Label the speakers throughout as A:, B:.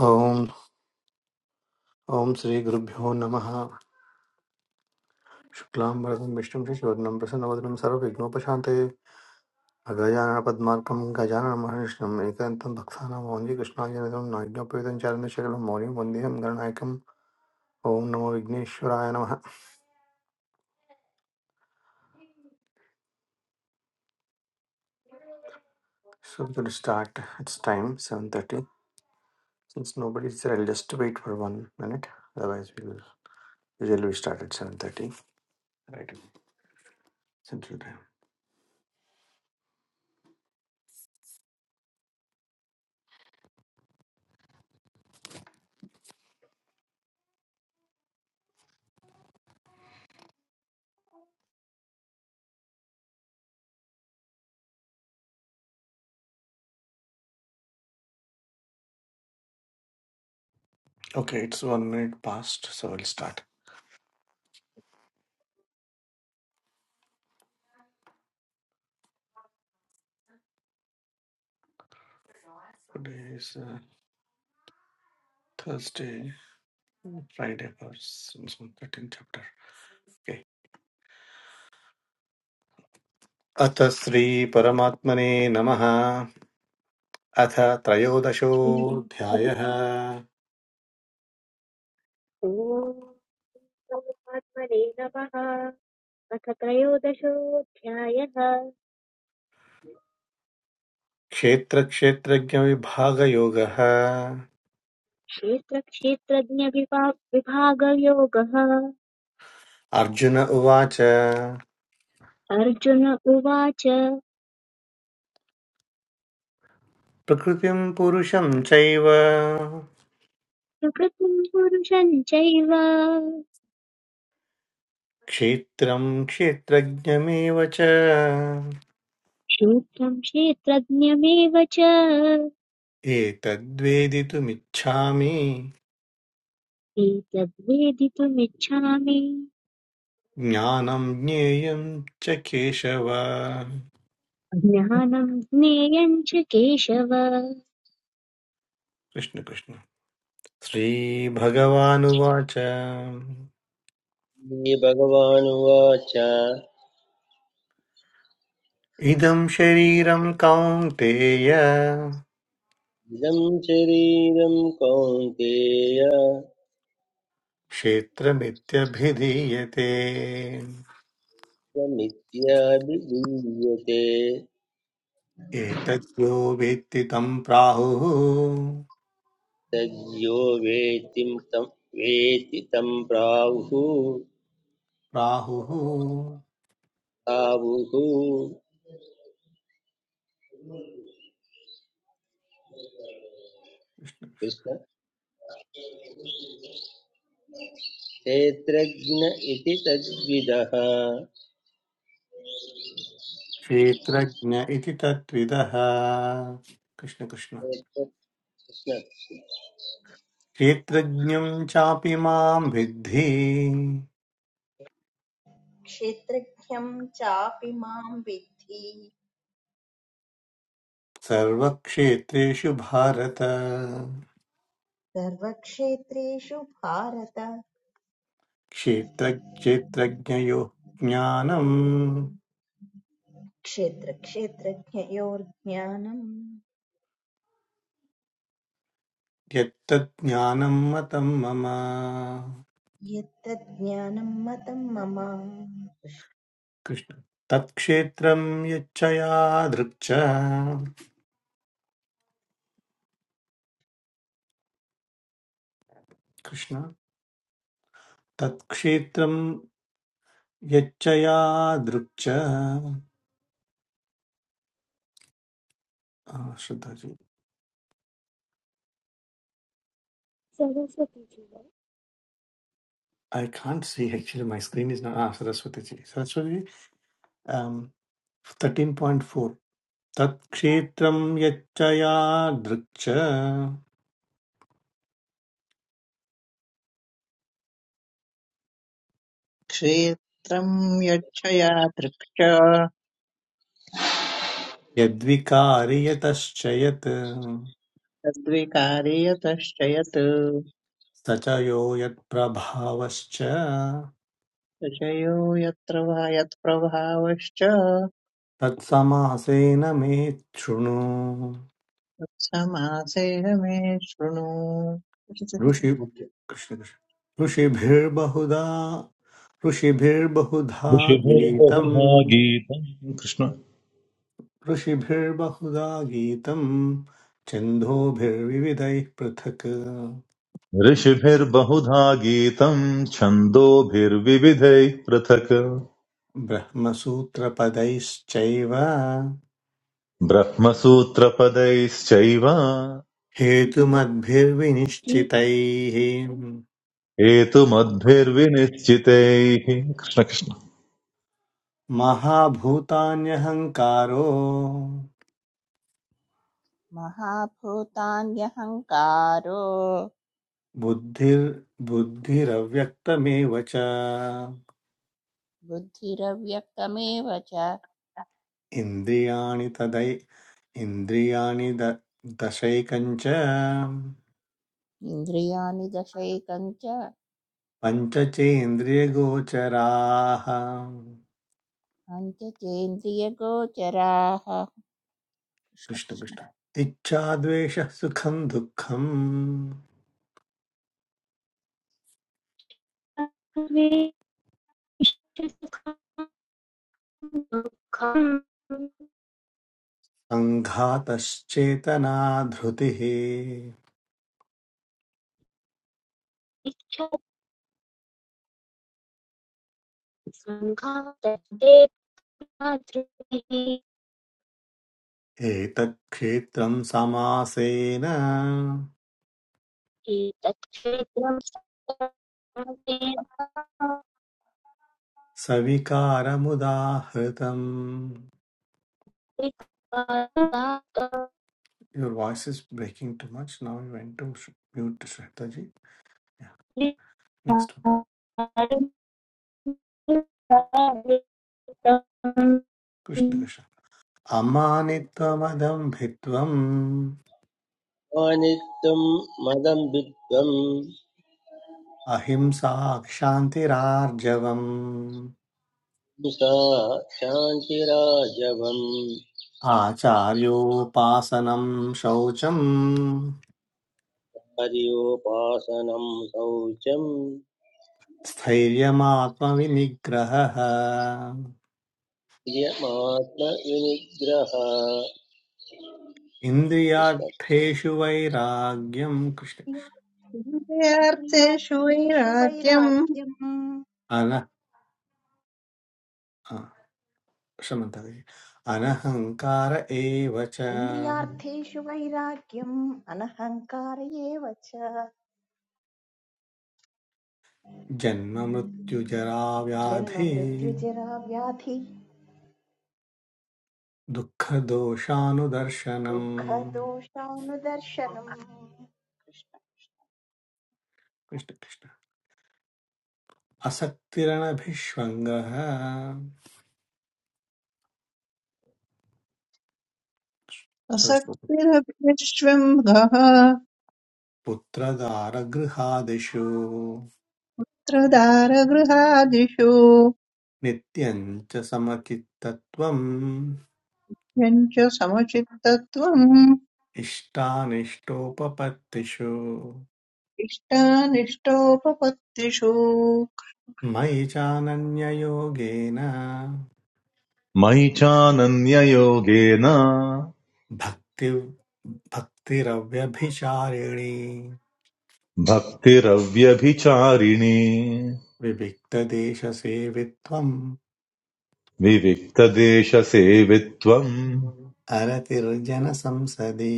A: ॐ ॐ श्रीगुरुभ्यो नमः शुक्लां वरदं विष्णुं शशिवर्णं प्रसन्नवदनं सर्वविघ्नोपशान्ते अगजाननपद्मार्कं गजाननमहर्षम् एकान्तं भक्तानां मौञ्जी कृष्णायनितं नाज्ञोपेतं चारणशकलं मौर्यं वन्देहं गणनायकम् ॐ नमो विघ्नेश्वराय नमः So to start, it's time 7.30. Since nobody is there, I'll just wait for one minute. Otherwise, we will usually we start at 7.30. Right, Central Time. Okay, it's one minute past, so I'll start. Today is uh, Thursday. Friday thirteen chapter okay अथ श्रीपरमात्मने नमः अथ
B: ॐ
A: त्रयोदशोऽध्यायः
B: परमात्मने नमः अथ त्रयोदशोऽध्यायः
A: क्षेत्रक्षेत्रज्ञविभागयोगः
B: क्षेत्रक्षेत्रज्ञविभा- विभागयोगः
A: अर्जुन उवाच
B: अर्जुन उवाच
A: प्रकृतिं पुरुषं चैव
B: प्रकृतिं पुरुषं चैव
A: क्षेत्रं क्षेत्रज्ञमेव च
B: क्षेत्रं क्षेत्रज्ञमेव च
A: एतद्वेदितुमिच्छामि
B: एतद्वेदितुमिच्छामि
A: ज्ञानं ज्ञेयं च केशव
B: ज्ञानं ज्ञेयं च केशव
A: कृष्ण कृष्ण श्रीभगवानुवाच
C: श्री भगवानुवाच
A: इदं शरीरं कौन्तेय
C: इदं शरीरं कौन्तेय
A: क्षेत्रमित्यभिधीयते
C: त्वमित्याभिधीयते
A: एतद्यो वेत्ति तं प्राहुः
C: तद्यो वेत्ति तं वेत्ति तं प्राहुः
A: प्राहुः
C: आहुः कृष्ण क्षेत्रज्ञ इति तद्विदः
A: क्षेत्रज्ञ इति तत्विदः कृष्णकृष्ण
C: कृष्ण
A: क्षेत्रज्ञं चापि मां विद्धि
D: क्षेत्रज्ञं चापि मां विद्धि
A: सर्वक्षेत्रेषु भारत
D: सर्वक्षेत्रेषु भारत
A: क्षेत्रक्षेत्रज्ञयोः ज्ञानम्
D: क्षेत्रक्षेत्रज्ञयोर्ज्ञानम्
A: यत्तज्ज्ञानम् मतम् मम
D: यत्तज्ज्ञानं मतं मम
A: Krishna तत्क्षेत्रं यच्चया दृक्च Krishna तत्क्षेत्रं यच्चया दृक्च Ah, Shraddha ji.
B: Saraswati ji.
A: I can't see actually. My screen is not. Ah, Saraswati ji. Saraswati ji, um, 13.4. Tat kshetram yachaya drikcha
E: क्षेत्रं यच्छया दृक्ष
A: यद्विकारि यतश्च यत्
E: तद्विकारे यतश्च यत्
A: स च यो यत्प्रभावश्च
E: विषयो यत्र वा यत्प्रभावश्च
A: तत्समासेन मे शृणु
E: तत्समासेह मे शृणु
A: ऋषि कृष्ण कृष्ण। ऋषिभिर्बहुधा ऋषिभिर्बहुधा गीतम्
F: ऋषिभिर्बहुधा गीतम् कृष्ण
A: ऋषिभिर्बहुधा गीतम् छन्दोभिर्विविधैः पृथक्
F: ऋषिभिर्बहुधा गीतम् छन्दोभिर्विविधैः पृथक्
A: ब्रह्मसूत्रपदैश्चैव
F: ब्रह्मसूत्रपदैश्चैव
B: भरती
A: हेतुमद्भिर्विनिश्चितैः
F: हेतुमद्भिर्विनिश्चितैः कृष्ण कृष्ण
A: महाभूतान्यहङ्कारो
G: महाभूतान्यहङ्कारो
A: बुद्धिर्- बुद्धिरव्यक्तमेव च
G: बुद्धिरव्यक्तमेव च
A: इन्द्रियाणि तदै इन्द्रियाणि द- दशैकञ्च
G: इन्द्रियाणि दशैकं च
A: पञ्चचेन्द्रियगोचराः
G: पञ्चचेन्द्रियगोचराः कृष्णकृष्ण
A: कृष्णकृष्ण इच्छा द्वेषः सुखं दुःखं
B: सर्वेषु सुखानि दुःखम्
A: सङ्घातश्चेतना धृतिः
B: इच्छति सङ्घातस्ते मातृभिः
A: एतत्क्षेत्रं समासेन
B: एतत् क्षेत्रं
A: सविकारमुदाहृतम् Your voice is breaking too much. Now you went to sh- mute, Shwetaji. Yeah, next one.
B: सर्वेन्द्रियगुणाभासम्
A: Krishna Krishna. अमानित्वमदं भित्वम्
C: अनित्यं मदं विद्वं
A: अहिंसाक्षान्तिरार्जवम्
C: सा शान्तिराजवम्
A: आचार्योपासनं शौचम्
C: हर्योपासनं शौचं
A: स्थैर्यमात्मविनिग्रहः
C: यमात्मविनिग्रह
A: इन्द्रियार्थेषु वैराग्यं कृष्ण
E: मुख्यार्थेषु
D: इन्द्रियार्थेषु
E: वैराग्यम्
D: वैराग्यम्
A: अन क्षम्यतां भगिनि। अनहङ्कार एव च
D: इन्द्रियार्थेषु वैराग्यम् अनहङ्कार एव च जन्म
A: जन्ममृत्युजराव्याधि
D: मृत्युजरा व्याधि
A: दुःखदोषानुदर्शनम्
D: दुःखदोषानुदर्शनम् कृष्ण
A: कृष्णकृष्ण असक्तिरणभिष्वङ्गः सरस्वती
E: असक्तिरभ्यश्वम्भः
A: पुत्रदारगृहादिषु
E: त्रदारगृहादिषु
A: नित्यं च समचित्तत्वम्
E: यञ्च समचित्तत्वम्
A: इष्टानिष्टोपपत्तिषु
E: इष्टानिष्टोपपत्तिषु
A: मयि चानन्ययोगेन
F: मयि चानन्ययोगेन
A: भक्ति भक्तिरव्यभिचारिणी
F: भक्तिरव्यभिचारिणी
A: विविक्तदेशसेवित्वम्
F: विविक्तदेशसेवित्वम्
A: अरतिर्जनसंसदि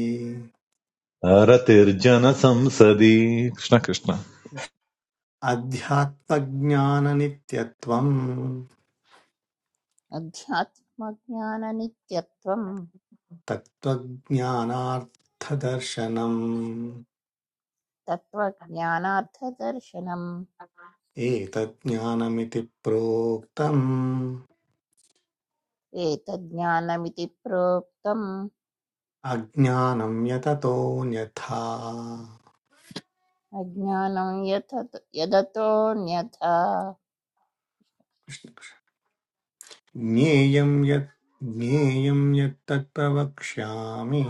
F: अरतिर्जनसंसदि कृष्ण कृष्ण
A: अध्यात्मज्ञाननित्यत्वम्
G: अध्यात्मज्ञाननित्यत्वं
A: तत्त्वज्ञानार्थदर्शनम्
G: तत्त्वज्ञानार्थदर्शनम्
A: एतज्ज्ञानमिति प्रोक्तम्
G: एतज्ज्ञानमिति प्रोक्तम्
A: अज्ञानं यततोऽन्यथा
G: अज्ञानं यथ यदतोऽन्यथा
A: ज्ञेयं यत् ज्ञेयं यत् तत्प्रवक्ष्यामि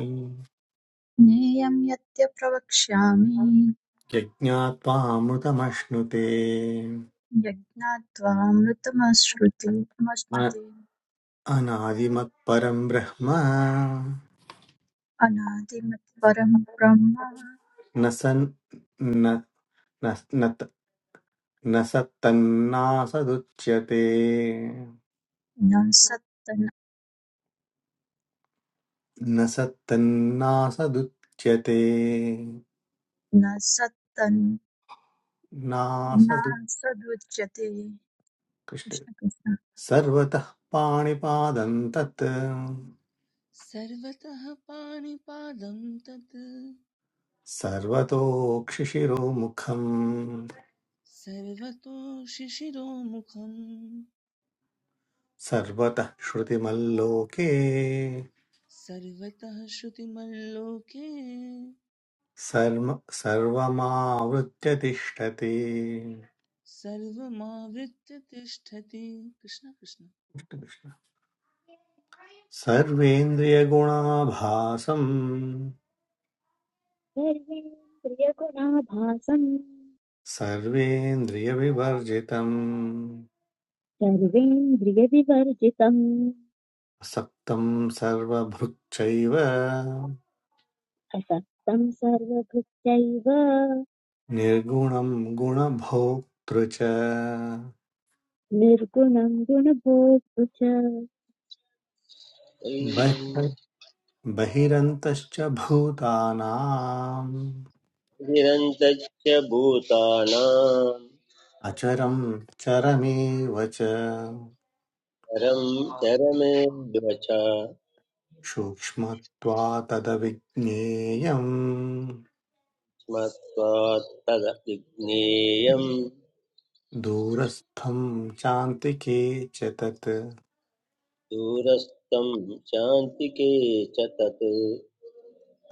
H: ज्ञेयं यद्य प्रवक्ष्यामि
A: यज्ञात्वामृतमश्नुते
H: यज्ञात्वामृतमश्नुते
A: अ- अनादिमत्परं ब्रह्म
H: अनादिमत्परं ब्रह्म
A: न सन् न न न त- न सत्तन्नासदुच्यते
H: न सत्तन्
A: न सत्तन्नासदुच्यते
H: न सत्तन् न
A: नासदु
H: सदुच्यते
A: कृष्ण
H: कृष्ण कृष्ण
A: सर्वतः पाणिपादं तत्
I: सर्वतः पाणिपादं तत्
A: सर्वतोक्षिशिरोमुखम्
I: सर्वतो शिशिरोमुखम्
A: सर्वतः श्रुतिमल्लोके
I: सर्वतः श्रुतिमल्लोके
A: सर्म सर्वमावृत्य तिष्ठति
I: सर्वमावृत्य तिष्ठति कृष्ण कृष्ण
A: सर्वेन्द्रियगुणाभासम् सर्वेन्द्रियविवर्जितम्
B: सर्वेन्द्रियविवर्जितम्
A: सप्तं सर्वभृक्चैव
B: असक्तम् सर्वभृत्यैव
A: निर्गुणं गुणभोक्तृ च
B: निर्गुणम् गुणभोक्तृ च
A: बहि- बहिरन्तश्च भूतानाम्
C: निरन्तच्च भूतानां
A: अचरं चरमेव च
C: चरं चरमेऽद्व च
A: सूक्ष्मत्वातदविज्ञेयम्
C: स्मत्वात् तदभिज्ञेयं
A: दूरस्थं चान्तिके च तत्
C: दूरस्थं शान्तिके च तत्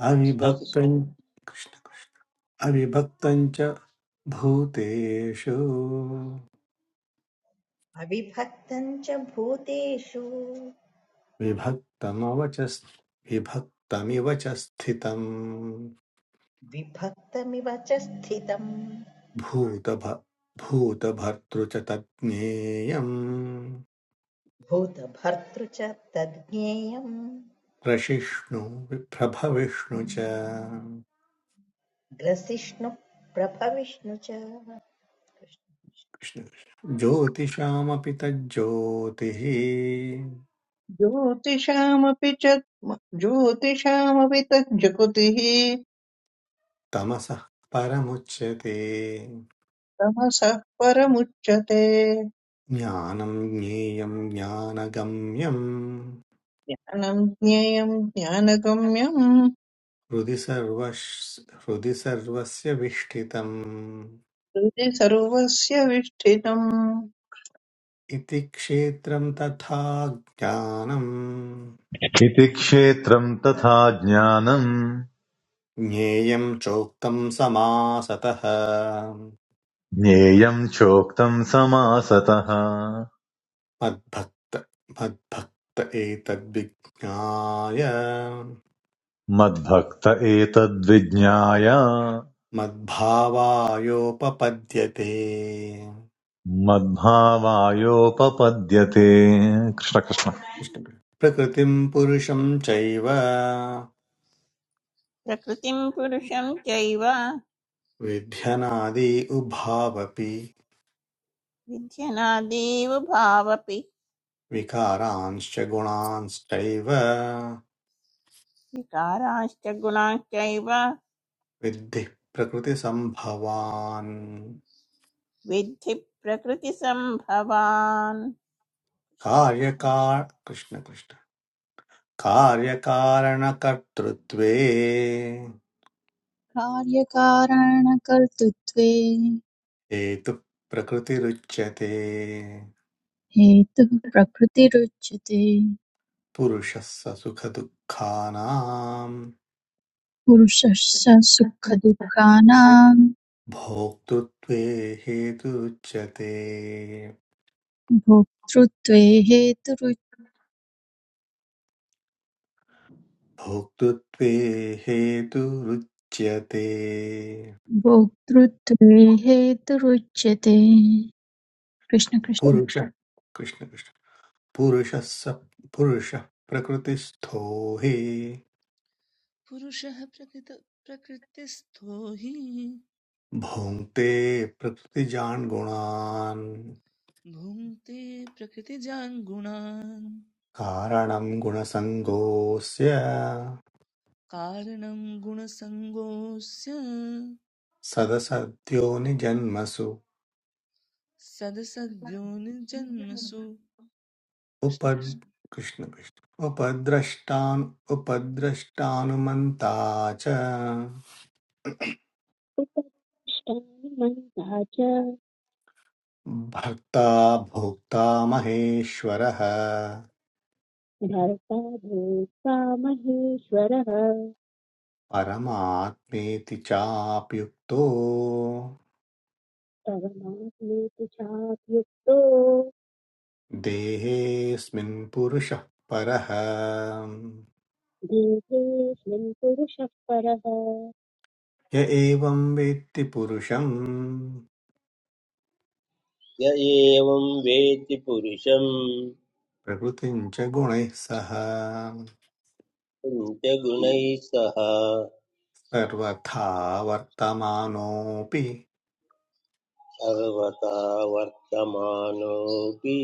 A: अविभक्तं अविभक्तं च भूतेषु
D: अविभक्तं च भूतेषु
A: विभक्तमवच विभक्तमिव च स्थितं
D: विभक्तमिव च स्थितं
A: भूतभ भूतभर्तृ च तज्ज्ञेयम्
D: भूतभर्तृ च तद्ज्ञेयं
A: प्रशिष्णु प्रभविष्णु च
D: ग्रसिष्णु प्रभविष्णु च
A: कृष्ण कृष्ण। ज्योतिषामपि तज्ज्योतिः
E: ज्योतिषामपि च ज्योतिषामपि तज्जगुतिः
A: तमसः परमुच्यते
E: तमसः परमुच्यते
A: ज्ञानं ज्ञेयं ज्ञानगम्यं
E: ज्ञानं ज्ञेयं ज्ञानगम्यं
A: हृदि सर्वस् हृदि सर्वस्य विष्ठितम्
E: हृदि सर्वस्य विष्ठितम्
A: इति क्षेत्रं तथा ज्ञानम्
F: इति क्षेत्रम् तथा ज्ञानम्
A: ज्ञेयं चोक्तं समासतः
F: ज्ञेयम् चोक्तम् समासतः
A: मद्भक्त मद्भक्त एतद्विज्ञाय
F: मद्भक्त एतद्विज्ञाय
A: मद्भावायोपपद्यते
F: मद्भावायोपपद्यते कृष्णकृष्ण
A: प्रकृतिं पुरुषं चैव
G: प्रकृतिं पुरुषं चैव
A: विध्यनादि उभावपि
G: विध्यनादीव भावपि
A: विकारांश्च गुणांश्चैव
G: विकाराश्च गुणाश्चैव
A: विद्धि प्रकृतिसम्भवान्
G: विद्धि प्रकृतिसम्भवान्
A: कार्यकार कृष्ण कृष्ण कार्यकारणकर्तृत्वे
H: कार्यकारणकर्तृत्वे
A: हेतु प्रकृतिरुच्यते
H: हेतुः प्रकृतिरुच्यते
A: पुरुषस्य सुखदुःखानाम्
H: पुरुषस्य सुखदुःखानां
A: भोक्तृत्वे हेतुरुच्यते
H: भोक्तृत्वे
A: भोक्तृत्वे हेतुरुच्यते
H: भोक्तृत्वे हेतुरुच्यते कृष्ण कृष्ण
A: पुरुष कृष्ण कृष्ण पुरुषस्य पुरुषः प्रकृतिस्थो हि
I: पुरुषः प्रकृत प्रकृतिस्थो हि
A: भोङ्क्ते प्रकृतिजान् गुणान्
I: भुङ्क्ते प्रकृतिजान् गुणान्
A: कारणं गुणसङ्गोऽस्य
I: कारणं गुणसङ्गोऽस्य
A: सदसद्योनिजन्मसु
I: सदसद्योनिजन्मसु कृष्ण
A: उपद्
I: कृष्ण
A: कृष्ण कृष्ण उपद्रष्टान् उपद्रष्टानुमन्ता च
B: उपष्टामन्तः च
A: भक्ता भोक्ता महेश्वरः
B: भर्ता भोक्ता महेश्वरः
A: परमात्मेति चाप्युक्तो
B: तव नास्मेति चाप्युक्तो
A: देहेऽस्मिन् पुरुषः परः
B: देहेऽस्मिन् पुरुषः परः
A: य एवं वेत्ति पुरुषं
C: य एवं वेति पुरुषं
A: प्रकृतिम् च गुणैः सह
C: पञ्चगुणैः सह
A: सर्वथा वर्तमानोऽपि
C: सर्वथा वर्तमानोऽपि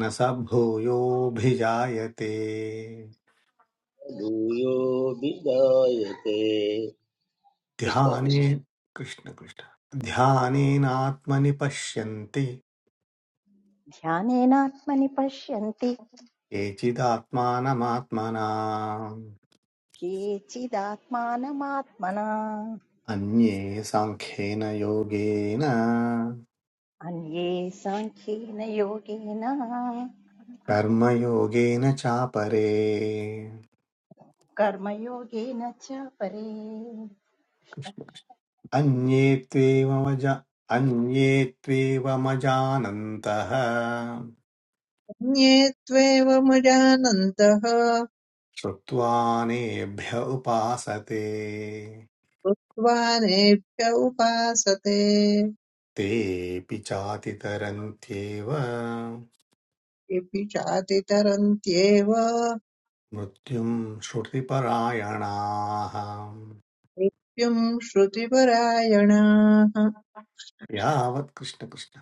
A: न स भूयोऽभिजायते
C: भूयोऽपि जायते कृष्ण
A: ध्याने
C: कृष्ण
A: कृष्ण कृष्ण ध्यानेनात्मनि पश्यन्ति
D: ध्यानेनात्मनि पश्यन्ति
A: केचिदात्मानमात्मना
D: केचिदात्मानमात्मना
A: अन्ये साङ्ख्येन योगेन
D: अन्ये साङ्ख्येन योगेन
A: कर्मयोगेन चापरे
D: कर्मयोगेन च परे
A: कृष्ण कृष्ण। अन्ये त्वेवमज अन्ये त्वेवमजानन्तः
E: अन्ये त्वेवमजानन्तः
A: श्रुत्वा नेभ्य उपासते
E: कृत्वा नेभ्य उपासते
A: तेऽपि चातितरन्त्येव
E: इति चातितरन्त्येव
A: मृत्युम् श्रुतिपरायणाः
E: मृत्युं श्रुतिपरायणाः
A: यावत् कृष्ण कृष्ण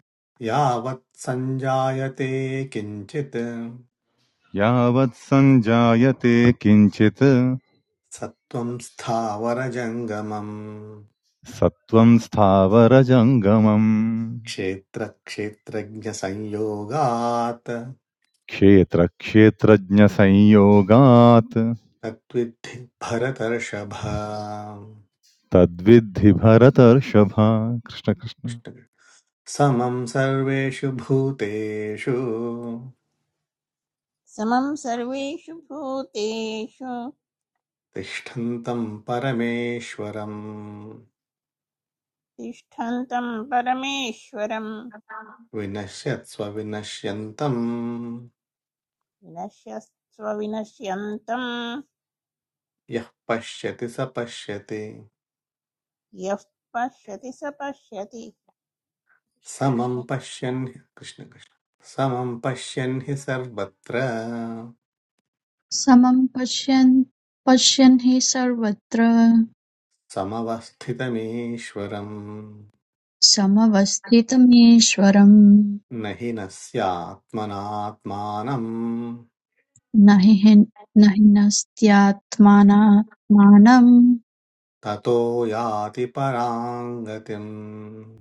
A: यावत् सञ्जायते किञ्चित्
F: यावत् सञ्जायते किञ्चित्
A: सत्त्वम् स्थावरजङ्गमम्
F: सत्त्वम् स्थावरजङ्गमम्
A: क्षेत्रक्षेत्रज्ञसंयोगात्
F: क्षेत्रक्षेत्रज्ञसंयोगात्
A: तद्विद्धि भरतर्षभ
F: तद्विद्धि भरतर्षभ कृष्णकृष्ण
A: समं सर्वेषु भूतेषु
G: समं सर्वेषु भूतेषु
A: तिष्ठन्तं परमेश्वरं
G: तिष्ठन्तं परमेश्वरं
A: विनश्यत्स्व विनश्यन्तं
G: विनश्यस्व विनश्यन्तं
A: यः पश्यति स पश्यति
G: यः पश्यति स पश्यति
A: समं पश्यन् कृष्णकृष्ण समं पश्यन् हि सर्वत्र
H: समं पश्यन् पश्यन् हि सर्वत्र
A: समवस्थितमीश्वरम्
H: समवस्थितमीश्वरम्
A: न हि नस्यात्मनात्मानम्
H: न हि हिन्- न हिनस्त्यात्मानात्मानं
A: ततो याति पराङ्गतिम्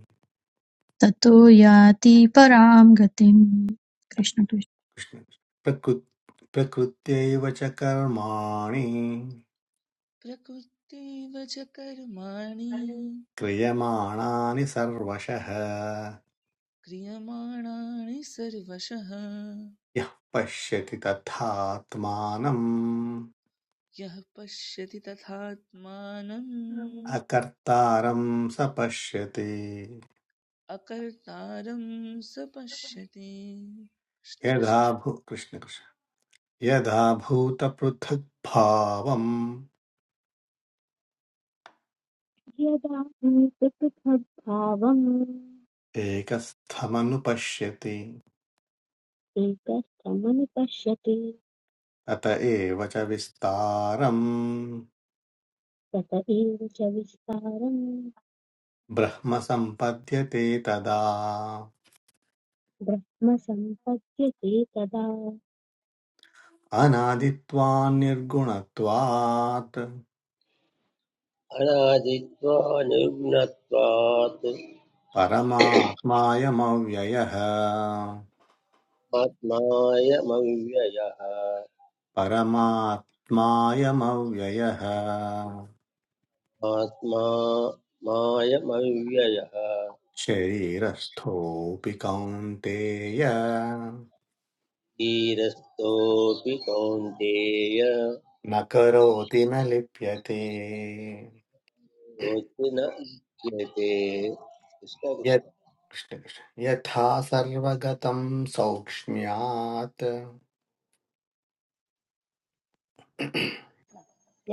H: ततो याति परां गतिम् कृष्ण कृष्ण
A: कृष्ण प्रकृ प्रकृत्यैव च कर्माणि
I: प्रकृतिव च कर्माणि
A: क्रियमाणानि सर्वशः
I: क्रियमाणानि सर्वशः
A: यः पश्यति तथात्मानम्
I: यः पश्यति तथात्मानम्
A: अकर्तारं स पश्यति
I: अकर्तारं स पश्यति कृष्ण
A: यदा
I: कृष्ण
A: भू कृष्ण कृष्ण यदा भूतपृथक्भावम्
B: यदा हि पृथग्भावम्
A: एकस्थमनुपश्यति
B: एकस्थमनुपश्यति
A: अत एव च विस्तारम्
B: तत एव च विस्तारम्
A: ब्रह्म सम्पद्यते तदा
B: ब्रह्म सम्पद्यते तदा
A: अनादित्वान्निर्गुणत्वात्
C: अनादित्वा निर्गुणत्वात्
A: परमात्मायमव्ययः
C: आत्मायमव्ययः
A: परमात्मायमव्ययः
C: आत्मा मायमव्ययः
A: शरीरस्थोऽपि कौन्तेय
C: धीरस्थोऽपि कौन्तेय
A: न करोति न लिप्यते
C: योऽस्ति न लिप्यते कृष्ण कृष्ण
A: यत् कृष्ण कृष्ण। यथा सर्वगतं सौक्ष्म्यात्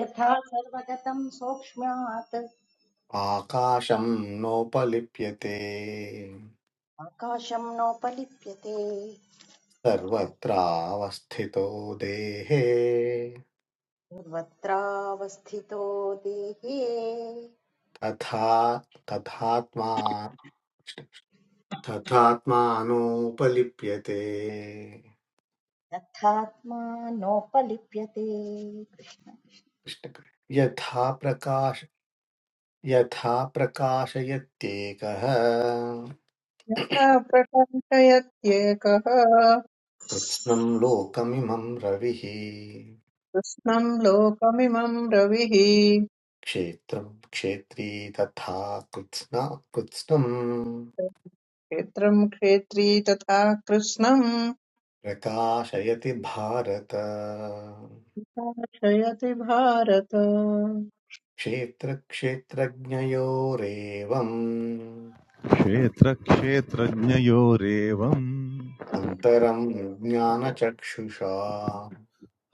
D: यथा सर्वगतं सौक्ष्म्यात्
A: आकाशं नोपलिप्यते
D: आकाशं नोपलिप्यते
A: सर्वत्रावस्थितो देहे
D: सर्वत्रावस्थितो देहे
A: तथा तथात्मा तथात्मानोपलिप्यते
D: तथात्मा नोपलिप्यते
A: कृष्ण कृष्ण। यथा प्रकाश यथा प्रकाशयत्येकः
E: सा प्रकाशयत्येकः
A: कृत्स्नं लोकमिमं रविः
E: कृष्णम् लोकमिमम् रविः
A: क्षेत्रं क्षेत्री तथा कृत्स्ना कृत्स्नं
E: क्षेत्रम् क्षेत्री तथा कृष्णम्
A: प्रकाशयति भारत
E: प्रकाशयति भारत
A: क्षेत्रक्षेत्रज्ञयोरेवम्
F: क्षेत्रक्षेत्रज्ञयोरेवम्
A: अन्तरम् ज्ञानचक्षुषा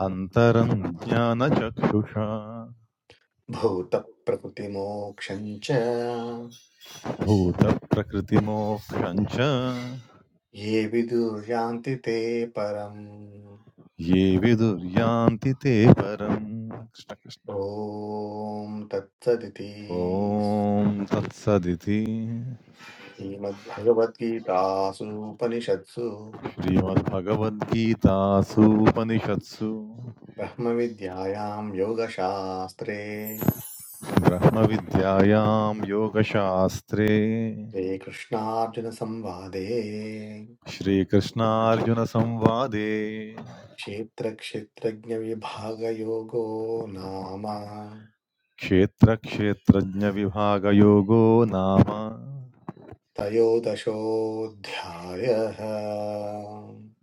F: अन्तरं ज्ञानचक्षुषा
A: भूतप्रकृतिमोक्षम् च
F: भूतप्रकृतिमोक्षं च
A: ये विदुर्यान्ति ते परम्
F: ये विदुर्यान्ति ते परम् कृष्णकृष्ण
A: ॐ तत्सदिति
F: ॐ तत्सदिति
A: श्रीमद्भगवद्गीतासु उपनिषत्सु
F: श्रीमद्भगवद्गीतासूपनिषत्सु
A: ब्रह्मविद्यायां योगशास्त्रे
F: ब्रह्मविद्यायां योगशास्त्रे
A: श्रीकृष्णार्जुनसंवादे
F: श्रीकृष्णार्जुनसंवादे
A: क्षेत्रक्षेत्रज्ञविभागयोगो नाम
F: क्षेत्रक्षेत्रज्ञविभागयोगो नाम
A: त्रयोदशोऽध्यायः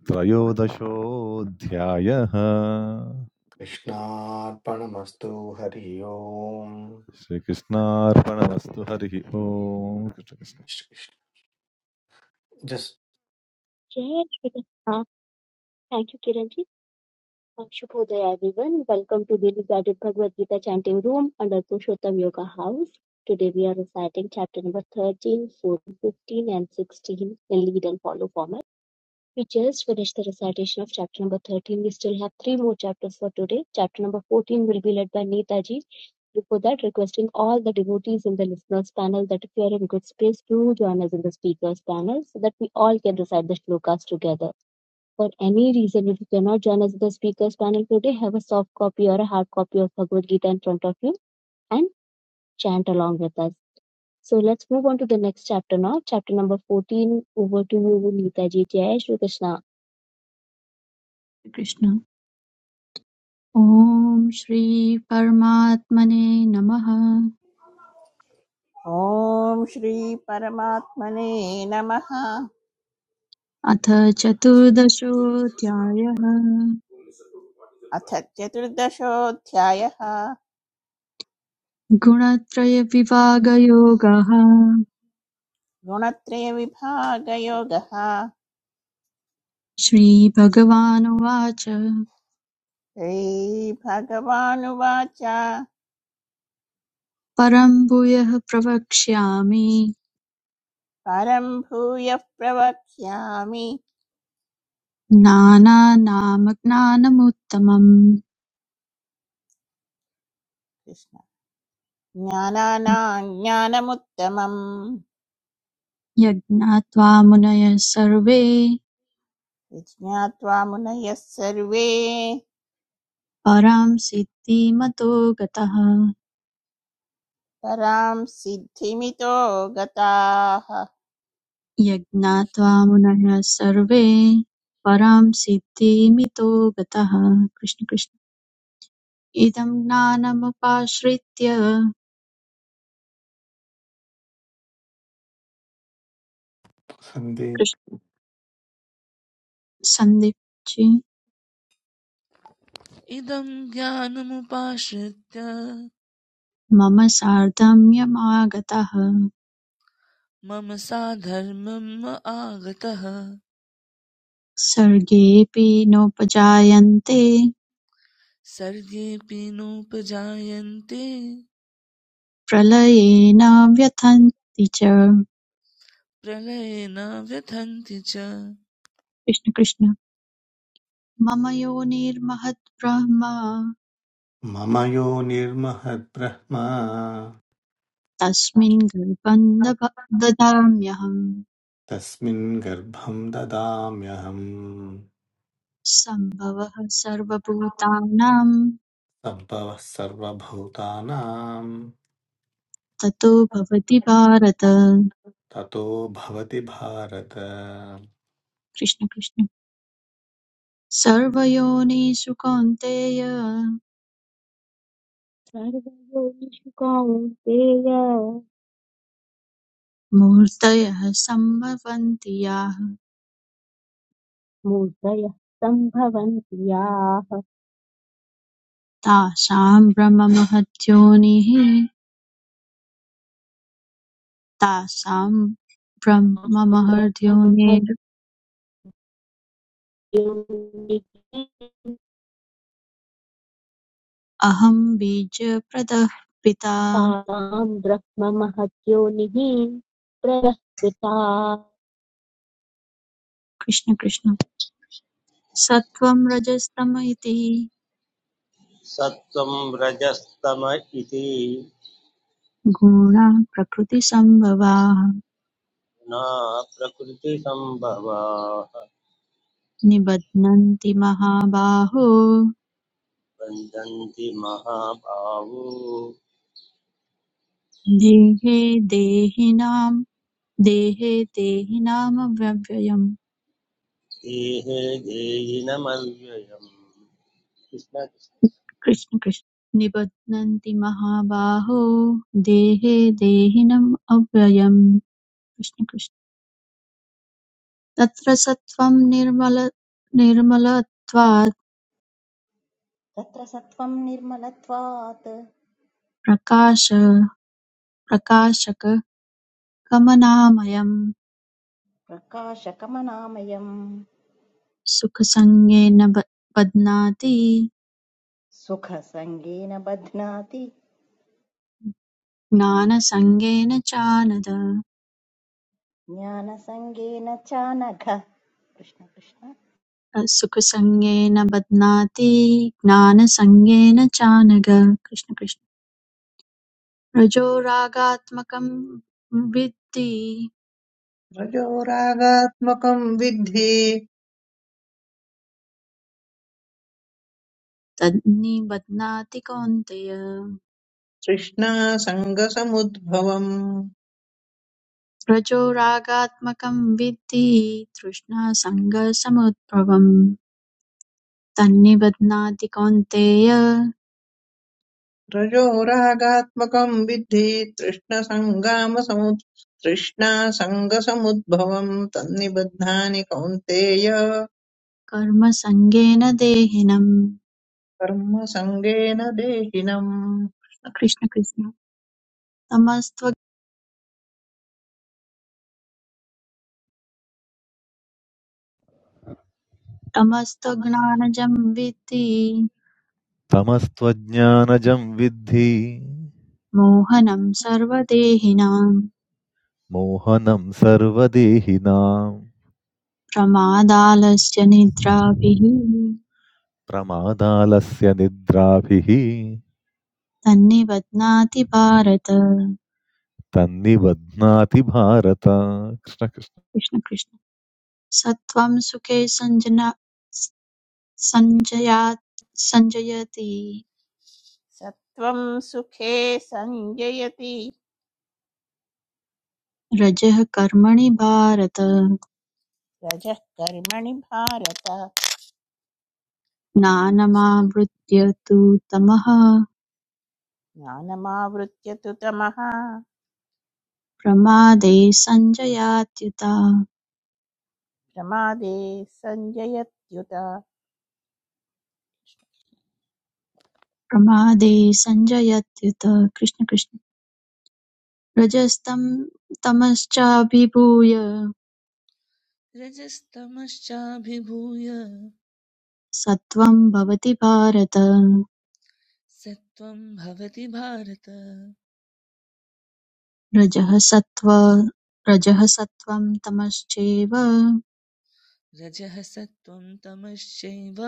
F: त्रयोदशोऽध्यायः
A: कृष्णार्पणमस्तु हरि ओम्
F: श्रीकृष्णार्पणमस्तु हरिः ओम् कृष्णकृष्ण।
A: जस्ट्
B: जय Shrikrishna thank you Kiran ji. Shubhodaya everyone. Welcome to Daily Guided Bhagavad Gita Chanting Room under Purushottam Yoga House. Today we are reciting chapter number 13, 14, 15 and 16 in lead and follow format. We just finished the recitation of chapter number 13. We still have three more chapters for today. Chapter number 14 will be led by Neetaji. Before that, requesting all the devotees in the listeners panel that if you are in good space, do join us in the speakers panel so that we all can recite the shlokas together for any reason, if you cannot join us in the speakers panel today, have a soft copy or a hard copy of Bhagavad Gita in front of you and chant along with us. So let's move on to the next chapter now. Chapter number 14. Over to you, Neeta ji. Jai Shri Krishna.
H: Krishna ॐ श्री परमात्मने नमः
G: ॐ श्रीपरमात्मने नमः
H: अथ चतुर्दशोऽध्यायः
G: अथ चतुर्दशोऽध्यायः
H: गुणत्रयविभागयोगः
G: गुणत्रयविभागयोगः
H: श्रीभगवानुवाच
G: श्रीभगवानुवाच
H: परं भूयः प्रवक्ष्यामि
G: परं भूयः प्रवक्ष्यामि
H: नानानामज्ञानमुत्तमम्
G: कृष्ण ज्ञानानां ज्ञानमुत्तमम्
H: यज्ञात्वा मुनयः सर्वे
G: विज्ञात्वा मुनयः सर्वे
H: परां सिद्धिमतो गतः
G: परां सिद्धिमितो गताः
H: यज्ञात्वा मुनयः सर्वे परां सिद्धिमितो गतः कृष्ण कृष्ण इदं ज्ञानमुपाश्रित्य कृष्ण सन्दीपजी
I: इदं ज्ञानमुपाश्रित्य
H: मम सार्धम्यमागतः
I: मम साधर्मम् आगतः
H: सर्गेऽपि नोपजायन्ते
I: सर्गेऽपि नोपजायन्ते
H: प्रलये न व्यथन्ति च
I: प्रलये न व्यथन्ति च
H: कृष्ण कृष्ण मम योनिर्महद् ब्रह्म
A: मम यो निर्महद्ब्रह्म
H: तस्मिन् गर्भं दभ- ददाम्यहम्
A: तस्मिन् गर्भं ददाम्यहम्
H: सम्भवः सर्वभूतानां
A: सम्भवः सर्वभूतानां
H: ततो भवति भारत
A: ततो भवति भारत
H: कृष्ण कृष्ण सर्वयोनिषु कौन्तेय
B: सर्वयोनिषु sambhavantiya
H: मूर्तयः सम्भवन्ति याः
B: मूर्धयः सम्भवन्ति याः।
H: तासां ब्रह्ममहद्योनिः तासां ब्रह्ममहद्योनिरहं बीजप्रदः पिता
B: तासां ब्रह्ममहद्योनिः प्रदः
H: कृष्ण कृष्ण सत्त्वं रजस्तम इति
C: सत्त्वं रजस्तम इति
H: गुणाः प्रकृतिसम्भवाः
C: न प्रकृतिसम्भवाः
H: निबध्नन्ति महाबाहो
C: बन्धन्ति महाभावो
H: देहे देहिनां देहे देहिनामव्यव्ययम्
C: देहे देयिनमव्ययम् कृष्ण
H: कृष्ण कृष्ण निबध्नन्ति महाबाहो देहे देहिनम् अव्ययम् कृष्ण कृष्ण तत्र सत्त्वं निर्मल निर्मलत्वात्
D: तत्र सत्त्वम् निर्मलत्वात्
H: प्रकाश प्रकाशक कमनामयम्
D: प्रकाशकमनामयम्
H: सुखसङ्गेन ब- बध्नाति
D: सुखसङ्गेन बध्नाति
H: ज्ञानसङ्गेन चानद
D: ज्ञानसङ्गेन च नघ कृष्ण कृष्ण
H: सुखसङ्गेन बध्नाति ज्ञानसङ्गेन चानग कृष्ण कृष्ण रजोरागात्मकं विद्धि
E: रजोरागात्मकम् विद्धि
H: तन्निबध्नाति कौन्तेय
E: तृष्णासङ्गसमुद्भवम्
H: रजो रागात्मकं विद्धि तृष्णासङ्गसमुद्भवम् तन्निबध्नाति कौन्तेय
E: रजोरागात्मकम् विद्धि तृष्णसङ्गामसमुद् तृष्णासङ्गसमुद्भवम् तन्निबध्नानि कौन्तेय
H: कर्मसङ्गेन देहिनम्
E: कर्मसङ्गेन देहिनम्
H: कृष्ण कृष्ण तमस्त्व तमस्त्वज्ञानजं विद्धि
F: तमस्त्वज्ञानजं विद्धि
H: मोहनं सर्वदेहिनां
F: मोहनं सर्वदेहिनां
H: प्रमादालस्य निद्राभिः
F: प्रमादालस्य निद्राभिः
H: तन्निबध्नाति भारत
F: तन्निबध्नाति भारत कृष्णकृष्ण
H: कृष्ण कृष्ण सत्त्वं सुखे सञ्जना सञ्जया सञ्जयति
G: सत्त्वं सुखे सञ्जयति
H: रजः कर्मणि भारत
G: रजः कर्मणि भारत
H: ज्ञानमावृत्य तु तमः
G: ज्ञानमावृत्य तु तमः
H: प्रमादे सञ्जयात्युता
G: प्रमादे सञ्जयत्युत
H: प्रमादे सञ्जयत्युत कृष्ण कृष्ण रजस्तं तमश्चाभिभूय
I: रजस्तमश्चाभिभूय
H: सत्वं भवति भारत
I: सत्त्वं भवति भारत
H: रजः सत्त्व रजः सत्त्वं तमश्चेव
I: रजः सत्त्वं तमश्चैव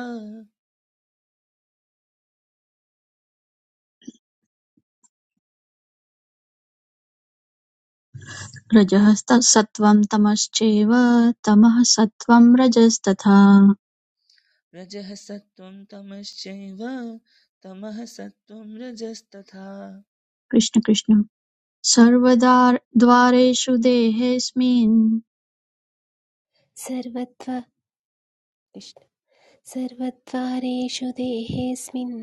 H: रजः सत्त्वं तमश्चैव तमः सत्त्वं रजस्तथा
I: रजः सत्त्वं तमश्चैव तमः सत्त्वं रजस्तथा
H: कृष्ण कृष्ण सर्वदा द्वारेषु देहेऽस्मिन्
J: सर्वद्वा सर्वद्वारेषु देहेऽस्मिन्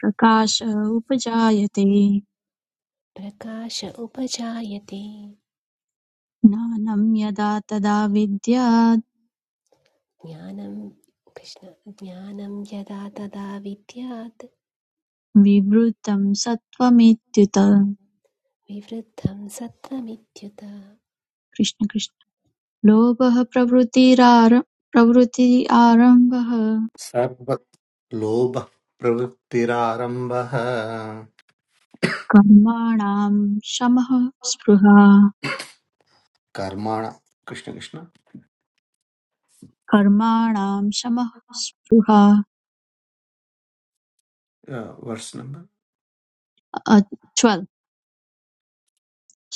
H: प्रकाश उपजायते
J: प्रकाश उपजायते
H: ज्ञानं यदा तदा विद्यात्
J: ज्ञानं कृष्ण ज्ञानं यदा तदा विद्यात्
H: विवृतं सत्त्वमित्युत
J: विवृद्धं सत्त्वमित्युत
H: कृष्ण कृष्ण लोभः प्रवृत्तिरार प्रवृत्ति आरम्भः
A: सर्वत्र लोभः प्रवृत्तिरारम्भः
H: कर्माणां शमः स्पृहा
A: कर्मण कृष्ण कृष्ण
H: कर्माणां शमः स्पृहा
A: वर्ष नंबर
H: अ, 12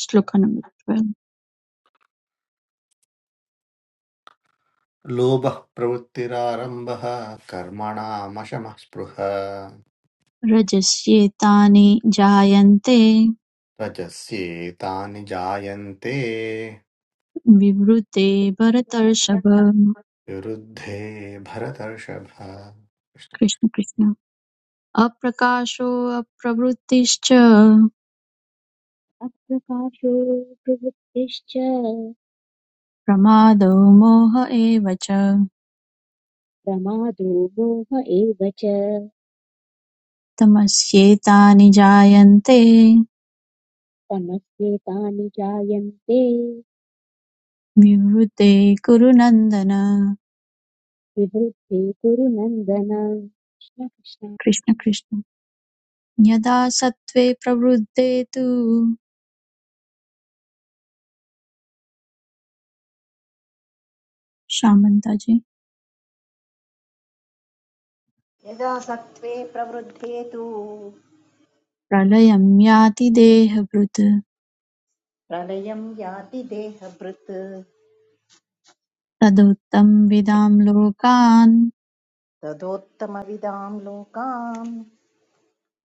H: श्लोक नंबर 12
A: लोभः प्रवृत्तिरारम्भः कर्मणामशमः स्पृह
H: रजस्येतानि जायन्ते
A: रजस्येतानि जायन्ते
H: विवृते भरतर्षभ
A: विरुद्धे भरतर्षभ कृष्ण कृष्ण।
H: कृष्ण कृष्ण अप्रकाशो अप्रवृत्तिश्च
B: अप्रकाशो प्रवृत्तिश्च
H: प्रमादो मोह एव च
B: प्रमादो मोह एव च
H: तमस्येतानि जायन्ते
B: तमस्येतानि जायन्ते
H: विवृते कुरु नन्दन
B: विवृद्धे कुरु नन्दन कृष्ण कृष्ण।
H: कृष्ण कृष्ण यदा सत्त्वे प्रवृद्धे तु श्यामन्ताजी
D: यदा सत्त्वे प्रवृद्धे तु
H: प्रलयं याति देहभृत्
D: प्रलयम् याति देहभृत्
H: तदुत्तमविदां लोकान्
D: तदोत्तमविदाम् लोकाम्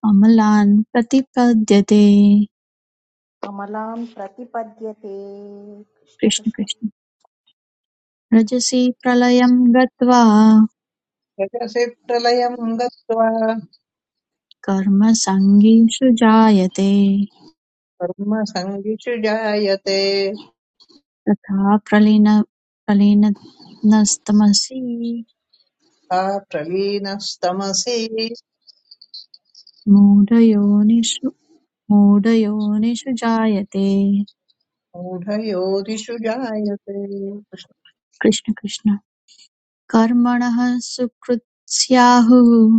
H: अमलान् प्रतिपद्यते
D: कमलाम् प्रतिपद्यते कृष्ण
H: कृष्ण
D: कृष्ण
H: कृष्ण रजसि प्रलयं गत्वा
E: रजसि प्रलयम् गत्वा
H: कर्मसङ्गीषु जायते
E: कर्मसङ्गिषु जायते
H: तथा प्रलीन प्रलीनस्तमसि
E: सा प्रलीनस्तमसि
H: मूढयोनिषु मूढयोनिषु जायते
E: मूढयोदिषु जायते
H: कृष्ण कृष्ण कर्मणः सुकृत् स्याहुः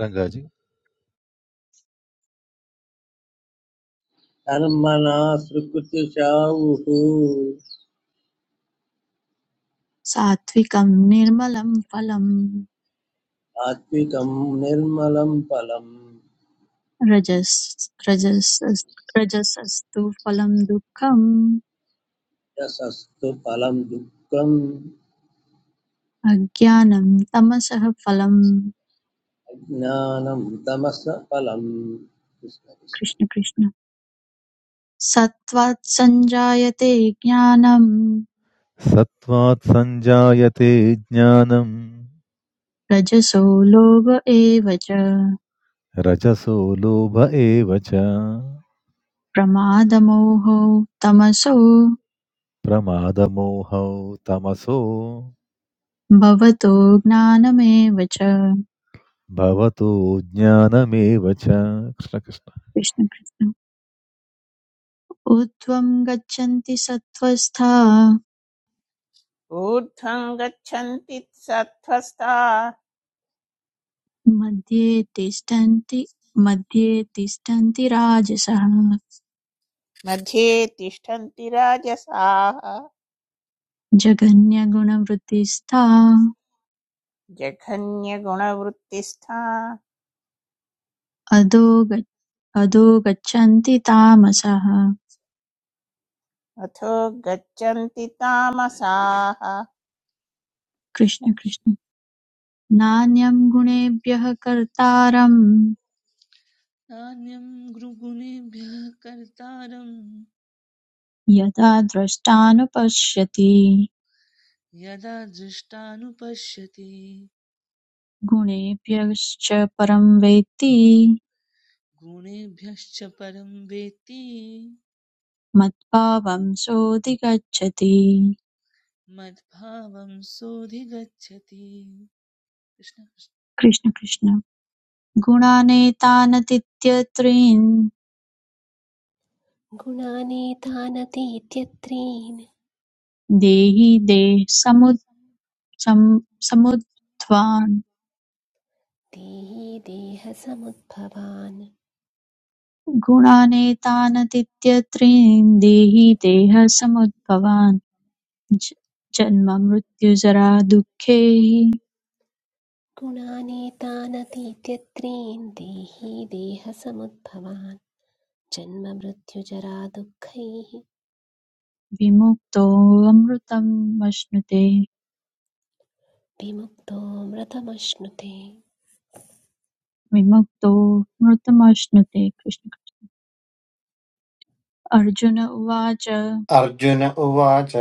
F: रङ्गाजी
C: कर्मणा सुकृतिशाहुः
H: सात्विकं निर्मलं फलम्
C: सात्विकं निर्मलं फलं
H: रजस् रजसस् रजसस्तु फलं दुःखम्
C: यशस्तु फलं दुःखम्
H: अज्ञानं तमसः फलम्
C: अज्ञानं तमस फलम् कृष्ण कृष्ण
H: कृष्ण कृष्ण सत्त्वात् सञ्जायते ज्ञानं
F: सत्त्वात् सञ्जायते ज्ञानं
H: रजसो लोभ एव च
F: रजसोलोभ एव च
H: प्रमादमोहो तमसो
F: प्रमादमोहौ तमसो
H: भवतो ज्ञानमेव च कृष्ण
F: भवतो ज्ञानमेव च कृष्ण कृष्ण
H: कृष्ण ऊर्ध्वं गच्छन्ति सत्त्वस्था
G: ऊर्ध्वं गच्छन्ति सत्त्वस्ता
H: मध्ये तिष्ठन्ति मध्ये तिष्ठन्ति राजसः
G: मध्ये तिष्ठन्ति राजसाः
H: जघन्यगुणवृत्तिस्था
G: जघन्यगुणवृत्तिस्था
H: अधो गच्छ- अधो गच्छन्ति तामसः
G: अथो गच्छन्ति तामसाः कृष्ण
H: कृष्ण
G: कृष्ण।
H: कृष्ण नान्यं गुणेभ्यः कर्तारं
I: नान्यं गुरुगुणेभ्यः कर्तारं
H: यदा द्रष्टानुपश्यति
I: यदा दृष्टानुपश्यति
H: गुणेभ्यश्च परं वेत्ति
I: गुणेभ्यश्च परं वेत्ति
H: मत्भावं सोऽधिगच्छति
I: मद्भावं सोऽधिगच्छति कृष्ण कृष्ण।
H: कृष्ण कृष्ण गुणानेतानतीत्यत्रीन्
J: गुणानेतानतीत्यत्रीन्
H: देहि देह समुद् सम्- समुद्ध्वान्
J: देहि देहसमुद्भवान्
H: गुणानेतानतीत्यत्रीन् देहि देहसमुद्भवान् ज- जन्ममृत्युजरा दुःखैः
J: गुणानेतानतीत्यत्रीन् देहि देहसमुद्भवान् जन्ममृत्युजरा दुःखैः
H: विमुक्तोऽमृतमश्नुते
J: विमुक्तो व्रतमश्नुते
H: विमुक्तो मृतमश्नुते कृष्ण अर्जुन उवाच
A: अर्जुन उवाच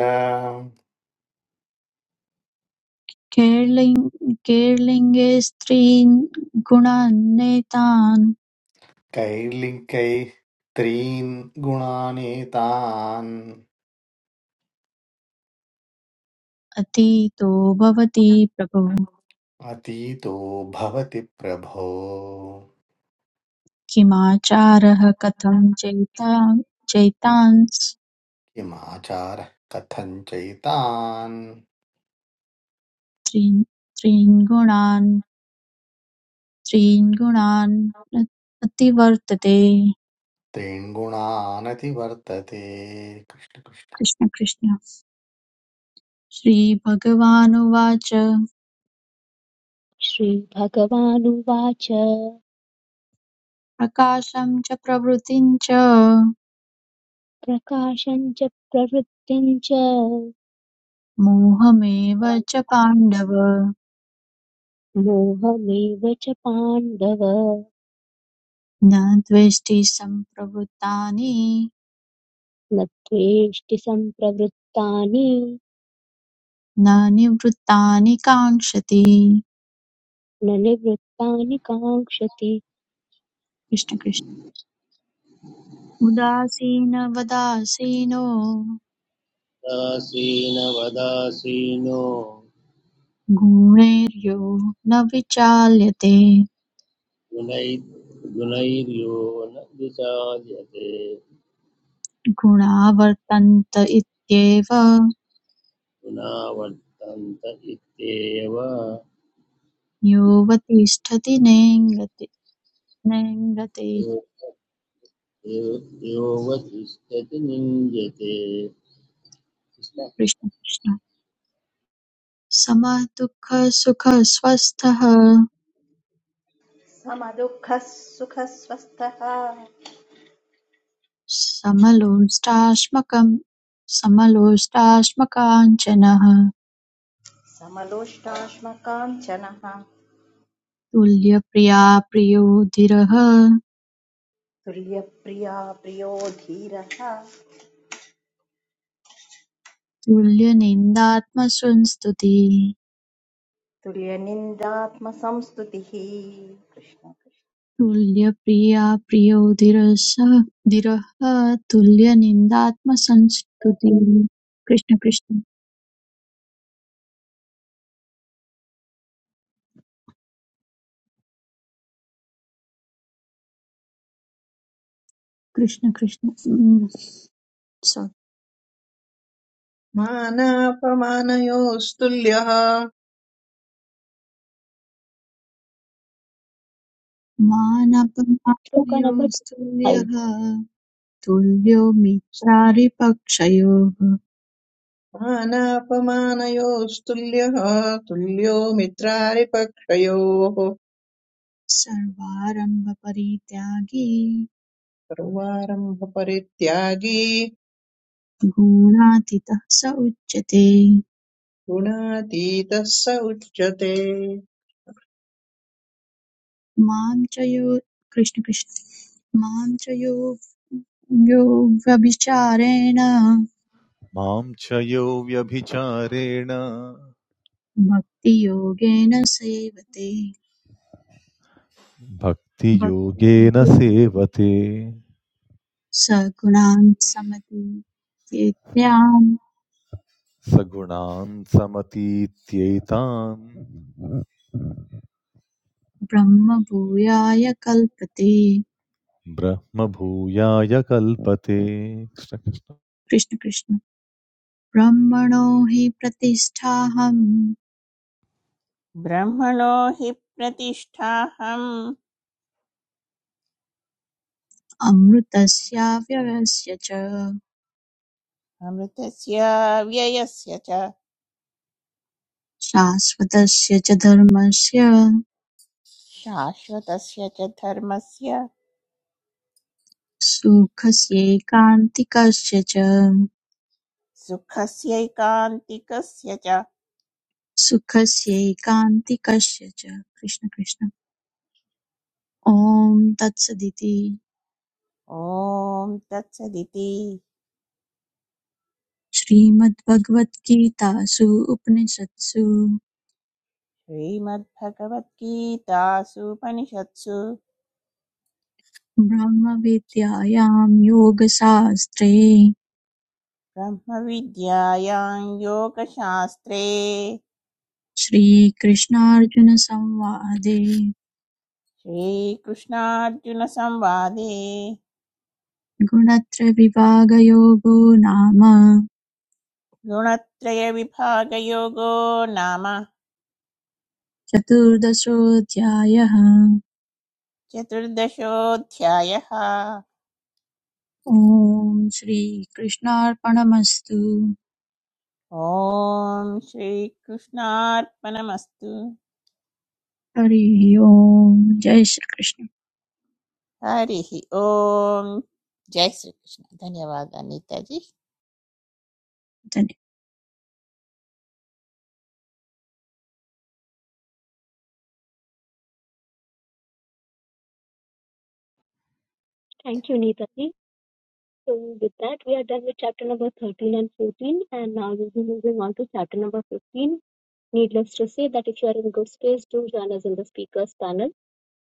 H: कैर्लिङ्- कैर्लिङ्गे स्त्रीन् गुणान्नेतान्
A: कैर्लिङ्कैः त्रीन् गुणानेतान्
H: अतीतो भवति प्रभो
A: अतीतो भवति प्रभो
H: किमाचारः कथं चैता चैतांस्
A: किमाचारः कथं चैतान्
H: त्रीन् त्रीन् गुणान् त्रीन् गुणान् न- अतिवर्तते
A: त्रीन्गुणानतिवर्तते कृष्ण कृष्ण।
H: कृष्ण कृष्ण श्रीभगवानुवाच
B: श्रीभगवानुवाच
H: प्रकाशं च प्रवृतिं च
B: प्रकाशम् च प्रवृत्तिम् च
H: मोहमेव च पाण्डव
B: मोहमेव च पाण्डव
H: न द्वेष्टि सम्प्रवृत्तानि
B: न त्वेष्टि सम्प्रवृत्तानि
H: न निवृत्तानि काङ्क्षति
B: न निवृत्तानि काङ्क्षति
H: कृष्ण कृष्ण उदासीनवदासीनो
C: उदासीनवदासीनो
H: गुणैर्यो न विचाल्यते
C: गुणै गुणैर्यो न विचार्यते
H: गुणावर्तन्त इत्येव
C: गुणावर्तन्त इत्येव
H: योऽवतिष्ठति नेङ्गते नेङ्गतैः
C: यो यो- योऽवतिष्ठति निन्द्यते कृष्ण कृष्ण।
H: कृष्ण कृष्ण समः दुःखः सुखः स्वस्थः
D: समदुःखः सुखस्वस्थः
H: समलोष्टाश्मकं समलोष्टाश्मकाञ्चनः
D: समलोष्टाश्मकाञ्चनः
H: तुल्यप्रिया प्रियो धीरः
D: तुल्यप्रिया प्रियो धीरः
H: तुल्यनिन्दात्मसंस्तुतिः
D: तुल्यनिन्दात्मसंस्तुतिः कृष्ण कृष्ण
H: तुल्यप्रिया प्रियोधिरसः दिरः तुल्यनिन्दात्मसंस्तुतिः कृष्ण कृष्ण कृष्ण कृष्ण उम्, sorry.
E: मानापमानयोस्तुल्यः
B: श्लोक नंबर फाइव
H: मानपमानयोस्तुल्यः तुल्यो मित्रारिपक्षयोः
E: मानापमानयोस्तुल्यः तुल्यो मित्रारिपक्षयोः
H: सर्वारम्भपरित्यागी
E: सर्वारम्भपरित्यागी
H: गुणातीतः स उच्यते
E: गुणातीतः स उच्यते
H: मां च यो कृष्ण कृष्ण मां च यो यो व्यभिचारेण
F: मां च यो व्यभिचारेण
H: भक्तियोगेन सेवते
F: भक्तियोगेन
H: भक्तियोगेन
F: सेवते
H: सगुणान् समतीत्येत्यां
F: सगुणान् समतीत्यैतान्
H: ब्रह्मभूयाय कल्पते
F: ब्रह्मभूयाय कल्पते कृष्ण कृष्ण
H: कृष्ण कृष्ण ब्रह्मणो हि प्रतिष्ठाहम्
G: ब्रह्मणो हि प्रतिष्ठाहम्
H: अमृतस्याव्ययस्य च
G: अमृतस्य व्ययस्य च
H: शाश्वतस्य च धर्मस्य
G: शाश्वतस्य च धर्मस्य
H: सुखस्यैकान्तिकस्य च
G: सुखस्यैकान्तिकस्य च
H: सुखस्यैकान्तिकस्य च कृष्ण कृष्ण ॐ तत्सदिति
G: ॐ तत्सदिति
H: श्रीमद्भगवद्गीतासु उपनिषत्सु
G: श्रीमद्भगवद्गीतासूपनिषत्सु
H: ब्रह्मविद्यायां योगशास्त्रे
G: ब्रह्मविद्यायां योगशास्त्रे
H: श्रीकृष्णार्जुनसंवादे
G: श्रीकृष्णार्जुनसंवादे
H: गुणत्रयविभागयोगो नाम
G: गुणत्रयविभागयोगो नाम
H: चतुर्दशोऽध्यायः
G: चतुर्दशोऽध्यायः
H: ॐ श्रीकृष्णार्पणमस्तु
G: ॐ श्रीकृष्णार्पणमस्तु
H: हरिः ओम् जय श्रीकृष्ण
G: हरिः ॐ जय श्रीकृष्ण धन्यवाद नीताजी
H: धन्यवाद।
B: Thank you Nitaji So with that, we are done with chapter number 13 and 14, and now we'll be moving on to chapter number 15. Needless to say that if you are in good space, do join us in the speakers panel.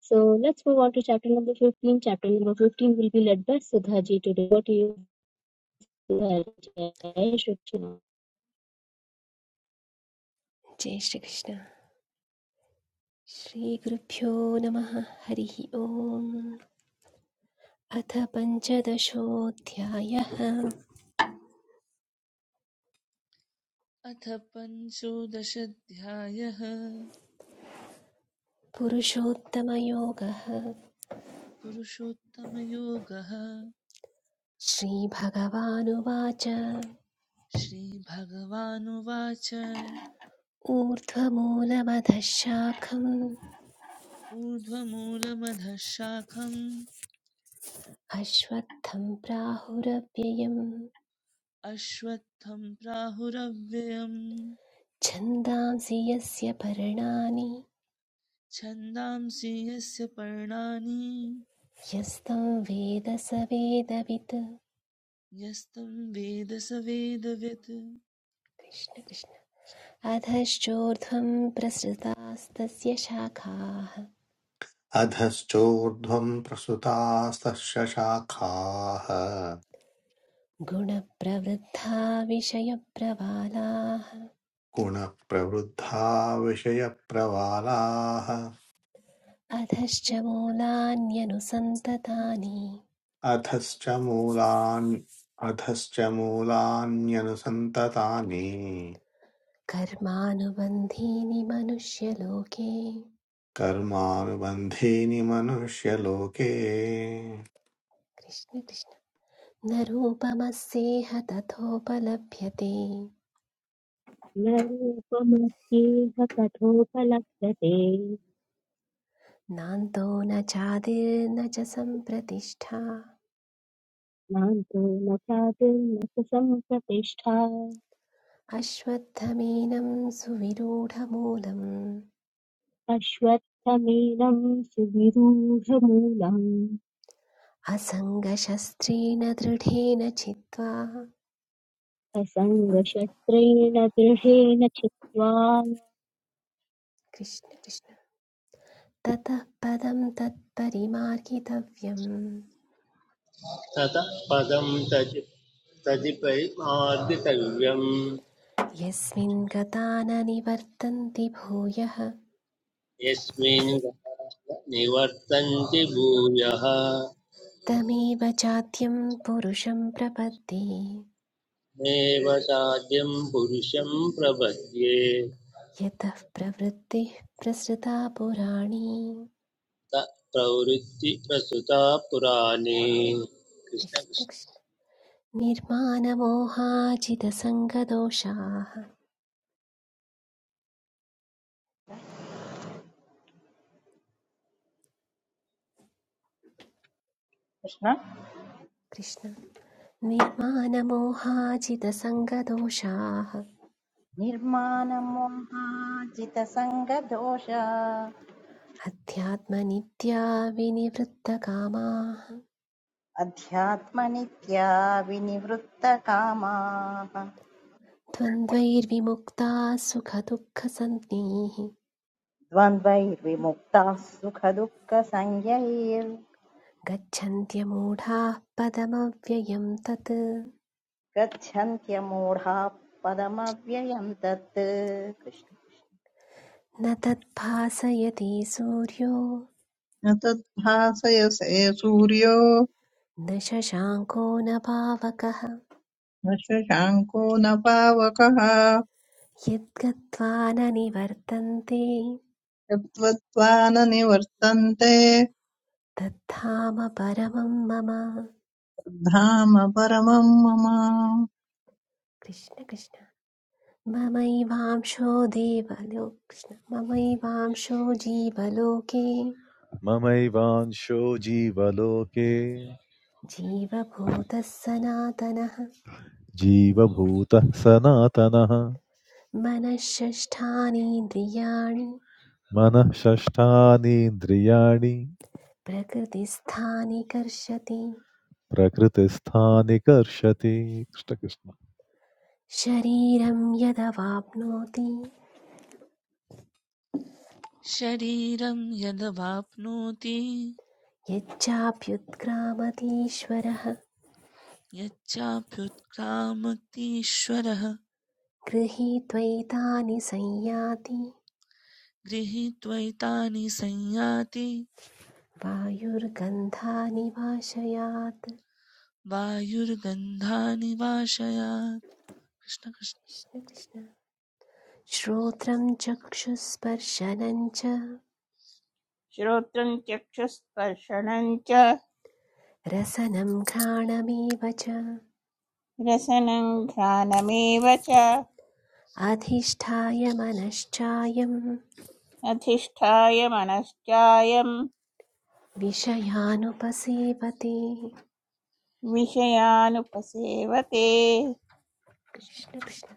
B: So let's move on to chapter number 15. Chapter number 15 will be led by Sudha ji today. What do you Sudha ji? Jai Shri
J: जय श्रीकृष्ण श्रीगुरुभ्यो नमः हरिः ओम् अथ पञ्चदशोऽध्यायः
I: अथ पञ्चोदशाध्यायः
J: पुरुषोत्तमयोगः
I: पुरुषोत्तमयोगः
J: श्रीभगवानुवाच
I: श्रीभगवानुवाच
J: ऊर्ध्वमूलमधः शाखम्
I: ऊर्ध्वमूलमधः शाखम्
J: अश्वत्थं प्राहुरव्ययम्
I: अश्वत्थं प्राहुरव्ययम्
J: छन्दांसि यस्य पर्णानि
I: छन्दांसि यस्य पर्णानि
J: यस्तं वेद स वेदवित्
I: यस्तं वेद स वेदवित्
J: कृष्ण कृष्ण। अधश्चोर्ध्वं प्रसृतास्तस्य शाखाः
A: अधश्चोर्ध्वं प्रसुतास्तशाखाः
J: गुणप्रवृद्धा विषयप्रवालाः
A: गुणप्रवृद्धा विषयप्रवालाः
J: अधश्च मूलान्यनुसन्ततानि
A: अधश्च मूलान् अधश्च मूलान्यनुसन्ततानि
J: कर्मानुबन्धीनि मनुष्यलोके
A: कर्मानुबन्धीनि मनुष्यलोके
J: कृष्ण कृष्ण न रूपमस्येह तथोपलभ्यते नान्तो न चादिर्न च सम्प्रतिष्ठा अश्वत्थमेनं सुविरूढमूलम् असङ्गशस्त्रेण दृढेन चित्वा
B: असङ्गशस्त्रेण दृढेन छित्त्वा
J: कृष्ण कृष्ण ततः पदं तत्परिमार्गितव्यम्
C: ततः पदं तदि तदिपरिमार्जितव्यम्
J: यस्मिन् गता न निवर्तन्ति भूयः
C: यस्मिन् गतः निवर्तन्ति भूयः
J: तमेव चाद्यं पुरुषं प्रपद्ये
C: नैव साध्यं पुरुषं प्रपद्ये
J: यतः प्रवृत्तिः प्रसृता पुराणी
C: त प्रवृत्ति प्रसुता पुराणे
J: कृष्ण
C: कृष्णकृष्ण
J: कृष्ण निर्मानमोहाजितसङ्गदोषाः
D: कृष्ण
J: कृष्ण निर्मानमोहाजितसङ्गदोषाः
D: निर्माणमोहाजितसङ्गदोष
J: अध्यात्मनित्या विनिवृत्तकामाः
D: अध्यात्मनित्या विनिवृत्तकामाः
J: द्वन्द्वैर्विमुक्ताः सुखदुःखसञ्ज्ञैः
D: द्वन्द्वैर्विमुक्ताः सुखदुःखसंज्ञैर्
J: गच्छन्त्यमूढाः पदमव्ययं तत्
D: गच्छन्त्यमूढाः पदमव्ययम् तत् कृष्ण
J: न तद्भासयति सूर्यो
E: न तद्भासयसे सूर्यो
J: न शशाङ्को न पावकः
E: न शशाङ्को न पावकः
J: यद्गत्वा न निवर्तन्ते
E: यत्त्वत्त्वा न निवर्तन्ते
J: तद्धाम परमं मम
E: धाम परमं मम
J: कृष्ण कृष्ण ममैवांशो देवलो कृष्ण ममैवांशो जीवलोके
F: ममैवांशो जीवलोके
J: जीवभूतः सनातनः
F: जीवभूतः सनातनः
J: मनःषष्ठानीन्द्रियाणि
F: मनः षष्ठानीन्द्रियाणि
J: प्रकृतिस्थानि कर्षति
F: प्रकृतिस्थानि कर्षति कृष्णकृष्ण
J: शरीरं यदवाप्नोति
I: शरीरं यदवाप्नोति
J: यच्चाप्युत्क्रामतीश्वरः
I: यच्चाप्युत्क्रामतीश्वरः
J: गृहीत्वैतानि संयाति
I: गृहीत्वैतानि संयाति
J: वायुर्गन्धानि वाशयात्
I: वायुर्गन्धानि वाशया कृष्ण कृष्ण
J: कृष्ण कृष्ण। श्रोत्रं चक्षुस्पर्शनं च
G: श्रोत्रं चक्षुस्पर्शनं च
J: रसनं घ्राणमेव च
G: रसनं घ्राणमेव च
J: अधिष्ठाय मनश्चायं
G: अधिष्ठाय मनश्चायं
J: विषयानुपसेवते
G: विषयानुपसेवते
J: कृष्ण कृष्ण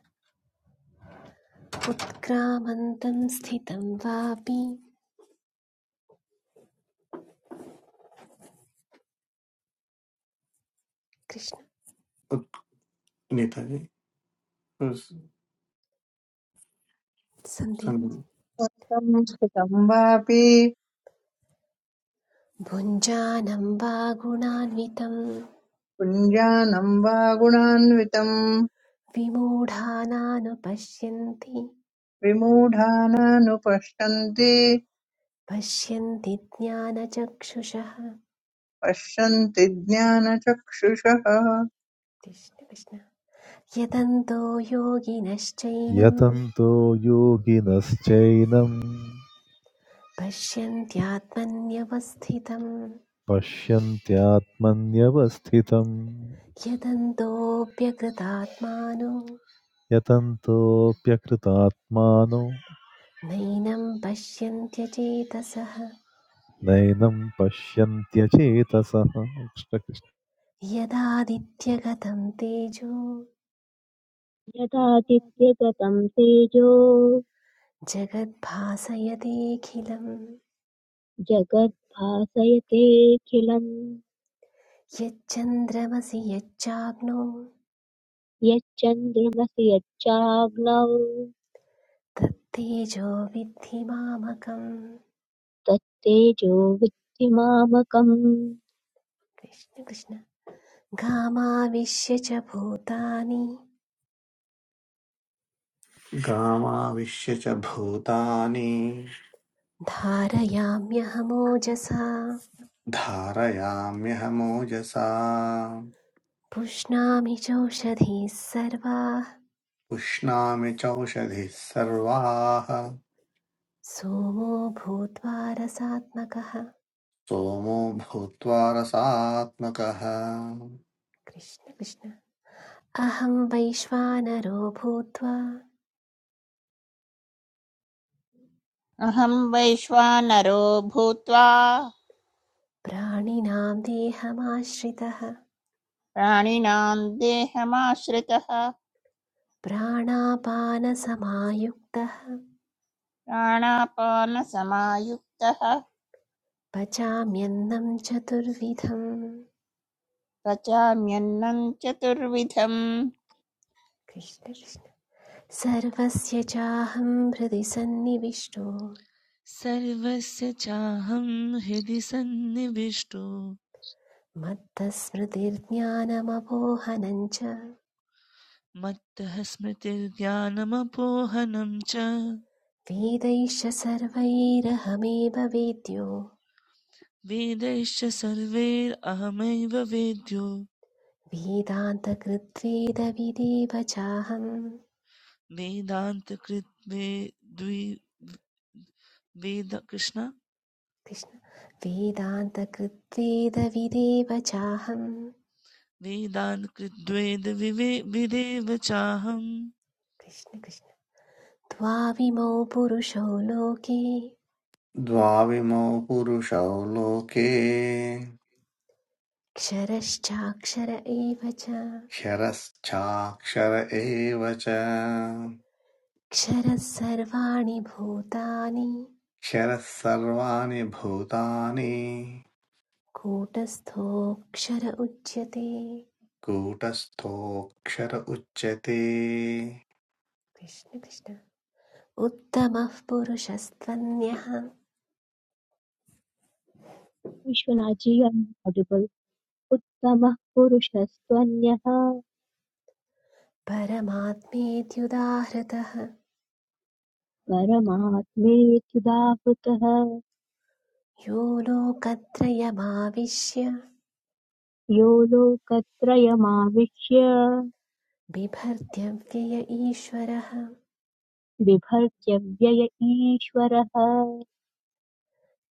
J: उत्क्रामन्तं स्थितं वापि कृष्ण
A: उत्नित
J: सन्दीप
E: त्वत्तं स्थितं वापि
J: भुञ्जानं वा गुणान्वितं
E: पुञ्जानं वा गुणान्वितम्
J: विमूढानानुपश्यन्ति
E: विमूढानानुपश्यन्ति
J: पश्यन्ति ज्ञानचक्षुषः
E: पश्यन्ति ज्ञानचक्षुषः
J: कृष्ण कृष्ण यदन्तो योगिनश्चैनं
F: यतन्तो योगिनश्चैनं
J: पश्यन्त्यात्मन्यवस्थितम्
F: पश्यन्त्यात्मन्यवस्थितं
J: यदन्तोऽप्यकृतात्मानो
F: यतन्तोऽप्यकृतात्मानो
J: नैनं पश्यन्त्यचेतसः
F: नैनं पश्यन्त्यचेतसः कृष्णकृष्ण
J: यदादित्यगतं तेजो
B: यदादित्यगतं तेजो
J: जगद्भासयतेऽखिलम्
B: जगद्भासयतेऽखिलम्
J: यच्चन्द्रमसि यच्चाग्नो
B: यच्चन्द्रमसि यच्चाग्नौ
J: तत्तेजो विद्धि मामकम्
B: तत्तेजो विद्धिमामकम्
J: कृष्ण कृष्ण घामाविश्य च भूतानि
A: गामाविश्य च भूतानि
J: धारयाम्यहमोजसा
A: धारयाम्यहमोजसा
J: पुष्णामि चौषधीः सर्वाः
A: पुष्णामि चौषधिः सर्वाः
J: सोमो भूत्वा रसात्मकः
A: सोमो भूत्वा रसात्मकः
J: कृष्ण कृष्ण अहं वैश्वानरो भूत्वा
G: अहं वैश्वानरो भूत्वा
J: प्राणिनां देहमाश्रितः
G: प्राणिनां देहमाश्रितः
J: प्राणापानसमायुक्तः
G: प्राणापानसमायुक्तः
J: पचाम्यन्नं चतुर्विधम्
G: पचाम्यन्नं चतुर्विधम्
J: कृष्ण कृष्ण सर्वस्य चाहं हृदि सन्निविष्टो
I: सर्वस्य चाहं हृदि सन्निविष्टो
J: मत्तस्मृतिर्ज्ञानमपोहनं च
I: मत्तः स्मृतिर्ज्ञानमपोहनं च
J: वेदैश्च सर्वैरहमेव वेद्यो
I: वेदैश्च सर्वैरहमैव वेद्यो
J: वेदान्तकृत्वेदविदेव चाहम्
I: वेदान्तकृत् वे द्वि वेद कृष्ण
J: कृष्ण वेदान्तकृत्वेदविदेव चाहम्
I: वेदान् कृद्वेद विवे विदेव चाहम्
J: कृष्ण कृष्ण द्वाविमौ पुरुषौ लोके
A: द्वाविमौ पुरुषौ लोके
J: क्षरश्चाक्षर एव च
A: क्षरश्चाक्षर एव च
J: क्षरः सर्वाणि भूतानि
A: क्षरः सर्वाणि भूतानि
J: कूटस्थोऽक्षर उच्यते
A: कूटस्थोऽक्षर उच्यते
J: कृष्ण कृष्ण उत्तमः पुरुषस्त्वन्यः
B: विश्वनाथ जी अडिबल् उत्तमः पुरुषस्त्वन्यः
J: परमात्मेत्युदाहृतः
B: परमात्मेत्युदाहृतः
J: यो लोकत्रयमाविश्य
B: यो लोकत्रयमाविश्य
J: बिभर्त्यव्यय ईश्वरः
B: बिभर्त्य व्यय ईश्वरः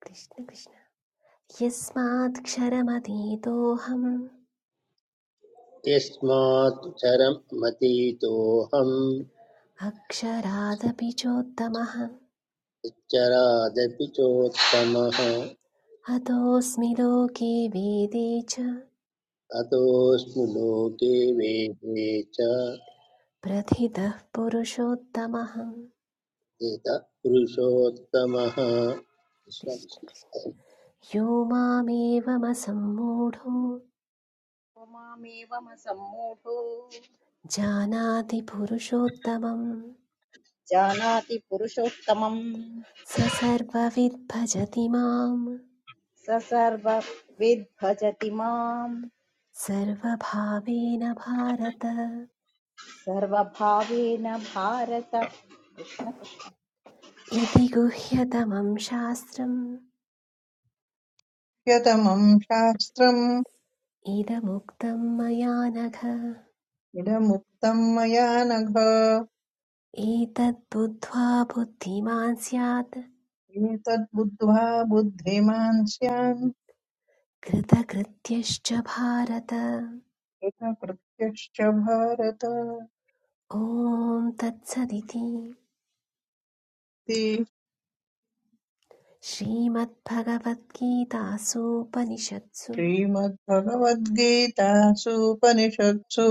J: कृष्ण कृष्ण यस्मात्क्षरमतीतोऽहम्
C: यस्मात्क्षरमतीतोऽहम्
J: अक्षरादपि चोत्तमः
C: यच्चरादपि चोत्तमः
J: अतोऽस्मि लोके वेदे च
C: अतोऽस्मि लोके वेदे च
J: प्रथितः पुरुषोत्तमः
C: यत पुरुषोत्तमः
J: कृष्ण
C: कृष्णकृष्ण
J: कृष्ण यो मामेवमसम्मूढो
D: को मामेवमसम्मूढो
J: जानाति पुरुषोत्तमं
D: जानाति पुरुषोत्तमं
J: स सर्वविद्भजति माम्
D: स सर्वविद् भजति माम्
J: सर्वभावेन भारत
D: सर्वभावेन भारत
J: इति गुह्यतमं शास्त्रम्
E: यतमं शास्त्रम्
J: इदमुक्तं मया नघ
E: इदमुक्तं मया नघ
J: एतद्बुद्ध्वा बुद्धिमान् स्यात्
E: एतद्बुद्ध्वा बुद्धिमान् स्यान्
J: कृतकृत्यश्च भारत
E: कृतकृत्यश्च भारत इति।
J: ॐ तत्सदिति श्रीमद्भगवद्गीतासूपनिषत्सु
E: श्रीमद्भगवद्गीतासूपनिषत्सु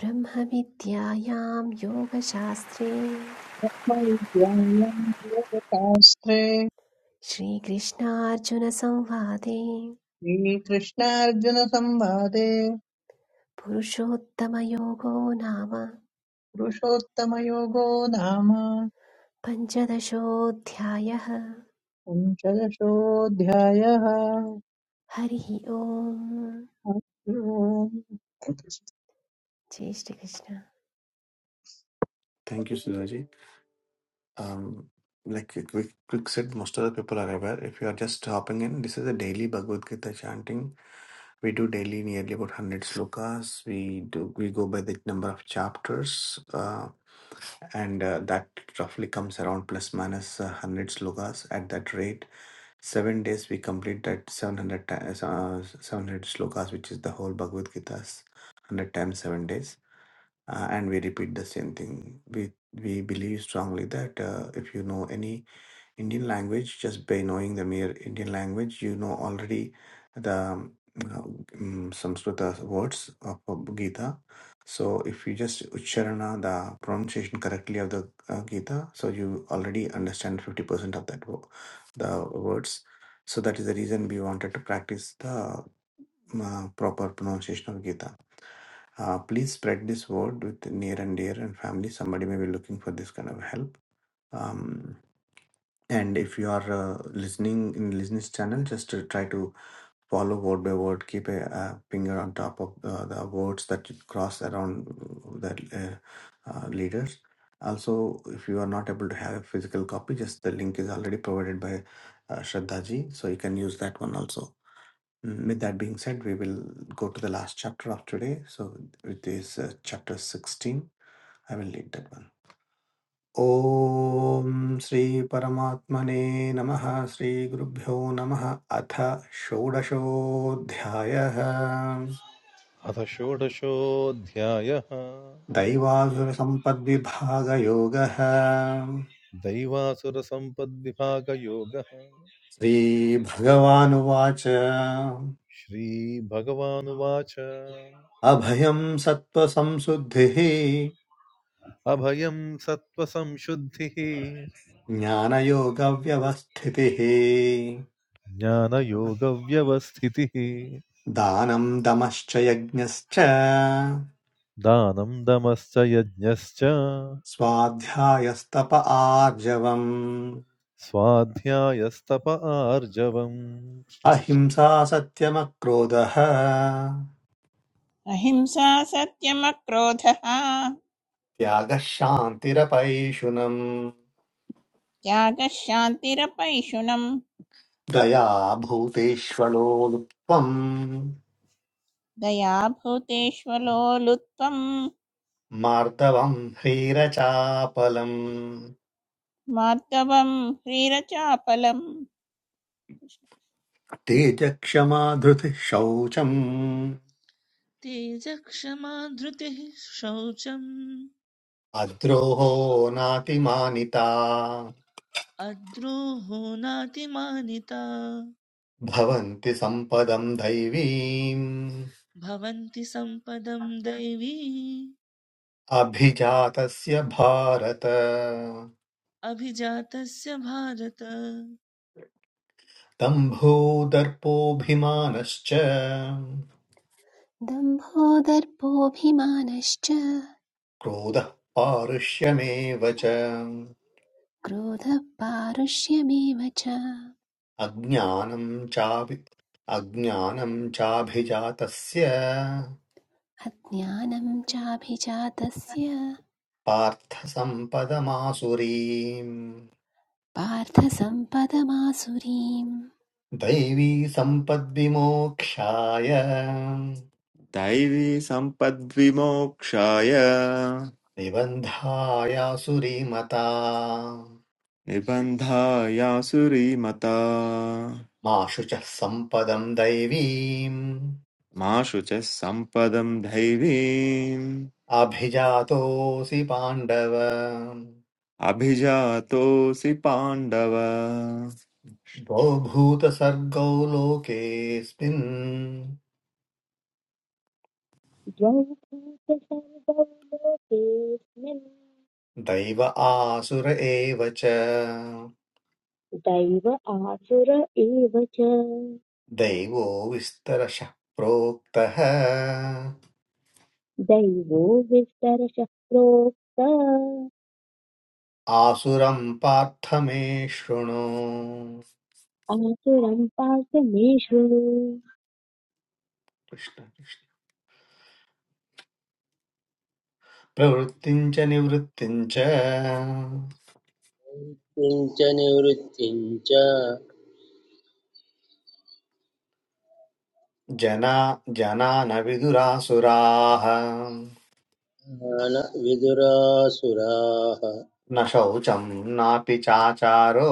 J: ब्रह्मविद्यायां योगशास्त्रे
E: वैज्ञानिकशास्त्रे
J: श्रीकृष्णार्जुनसंवादे
E: श्रीकृष्णार्जुनसंवादे
J: पुरुषोत्तमयोगो नाम
E: पुरुषोत्तमयोगो नाम
J: पञ्चदशोऽध्यायः
E: पञ्चदशोऽध्यायः
J: हरिः ओम्
E: हरि ओम्।
J: जय Shrikrishna
A: thank you Sudhaji um, like you quick, quick said, most of the people are aware. If you are just hopping in, this is a daily Bhagavad Gita chanting. We do daily nearly about 100 slokas. We do we go by the number of chapters, uh, and uh, that roughly comes around plus minus uh, 100 slokas. At that rate, seven days we complete that 700 times uh, 700 slokas, which is the whole Bhagavad Gita's 100 times seven days uh, and we repeat the same thing. We we believe strongly that uh, if you know any Indian language, just by knowing the mere Indian language, you know already the um, um, Samskrita words of of Gita. So if you just ucharana the pronunciation correctly of the uh, Gita, so you already understand fifty percent of that wo- the words. So that is the reason we wanted to practice the uh, proper pronunciation of Gita. Uh, please spread this word with near and dear and family. Somebody may be looking for this kind of help. Um, and if you are uh, listening in listeners channel, just uh, try to follow word by word. Keep a, uh finger on top of uh, the words that you cross around the uh, uh, leaders. Also, if you are not able to have a physical copy, just the link is already provided by uh, Shraddha ji, so you can use that one also Mm, With that being said, we will go to the last chapter of today. So it is uh, chapter 16. I will read that one. ॐ श्रीपरमात्मने नमः श्रीगुरुभ्यो नमः अथ षोडशोऽध्यायः
F: अथ षोडशोऽध्यायः
A: दैवासुरसम्पद्विभागयोगः
F: दैवासुरसम्पद्विभागयोगः
A: श्रीभगवानुवाच
F: श्रीभगवानुवाच
A: अभयं सत्त्वसंशुद्धिः
F: अभयं सत्त्वसंशुद्धिः
A: ज्ञानयोगव्यवस्थितिः
F: ज्ञानयोगव्यवस्थितिः
A: दानं दमश्च यज्ञश्च
F: दानं दमश्च यज्ञश्च
A: स्वाध्यायस्तप आर्जवम्
F: स्वाध्यायस्तप आर्जवम्
A: अहिंसा सत्यमक्रोधः
G: अहिंसा सत्यमक्रोधः
A: त्यागः शान्तिरपैशुनम्
G: त्यागः शान्तिरपैशुनम्
A: दया भूतेष्वलो लुप्त्वम्
G: दयाभूतेष्वलोलुत्वं
A: मार्दवम् ह्रीरचापलम्
G: मार्दवं ह्रीरचापलम्
A: तेजक्षमा धृतिः शौचम्
I: तेजक्षमा धृतिः शौचम्
A: अद्रोहो नातिमानिता
I: अद्रोहो नातिमानिता
A: भवन्ति सम्पदम् दैवीम्
I: भवन्ति सम्पदं दैवी
A: अभिजातस्य भारत
I: अभिजातस्य भारत
A: दम्भोदर्पोऽभिमानश्च
J: दम्भो दर्पोऽभिमानश्च
A: क्रोधः पारुष्यमेव च
J: क्रोधः पारुष्यमेव च
A: अज्ञानं चाभि अज्ञानं चाभिजातस्य
J: अज्ञानं चाभिजातस्य
A: पार्थसम्पदमासुरीम्
J: पार्थसम्पदमासुरीम्
A: दैवी सम्पद्विमोक्षाय
K: दैवी दैवीसम्पद्विमोक्षाय
A: निबन्धायासुरीमता
K: निबन्धायासुरीमता
A: मा शुचः सम्पदम् दैवीम्
K: माशु च सम्पदम् दैवीम्
A: अभिजातोऽसि पाण्डव
K: अभिजातोऽसि पाण्डव
A: द्वौ भूतसर्गौ लोकेऽस्मिन्
B: द्वौ लोकेऽस्मिन्
A: दैव आसुर एव च
B: दैव आसुर एव च
A: दैवो विस्तरशः प्रोक्तः
B: दैवो विस्तरशः प्रोक्त
A: आसुरं पार्थ मे शृणु
B: आसुरं पार्थ मे शृणु
A: कृष्ण कृष्ण प्रवृत्तिम् च निवृत्तिम् च
C: किञ्च निवृत्तिं
A: जना जना न विदुरासुराः
C: न विदुरासुराः
A: न शौचम् नापि चाचारो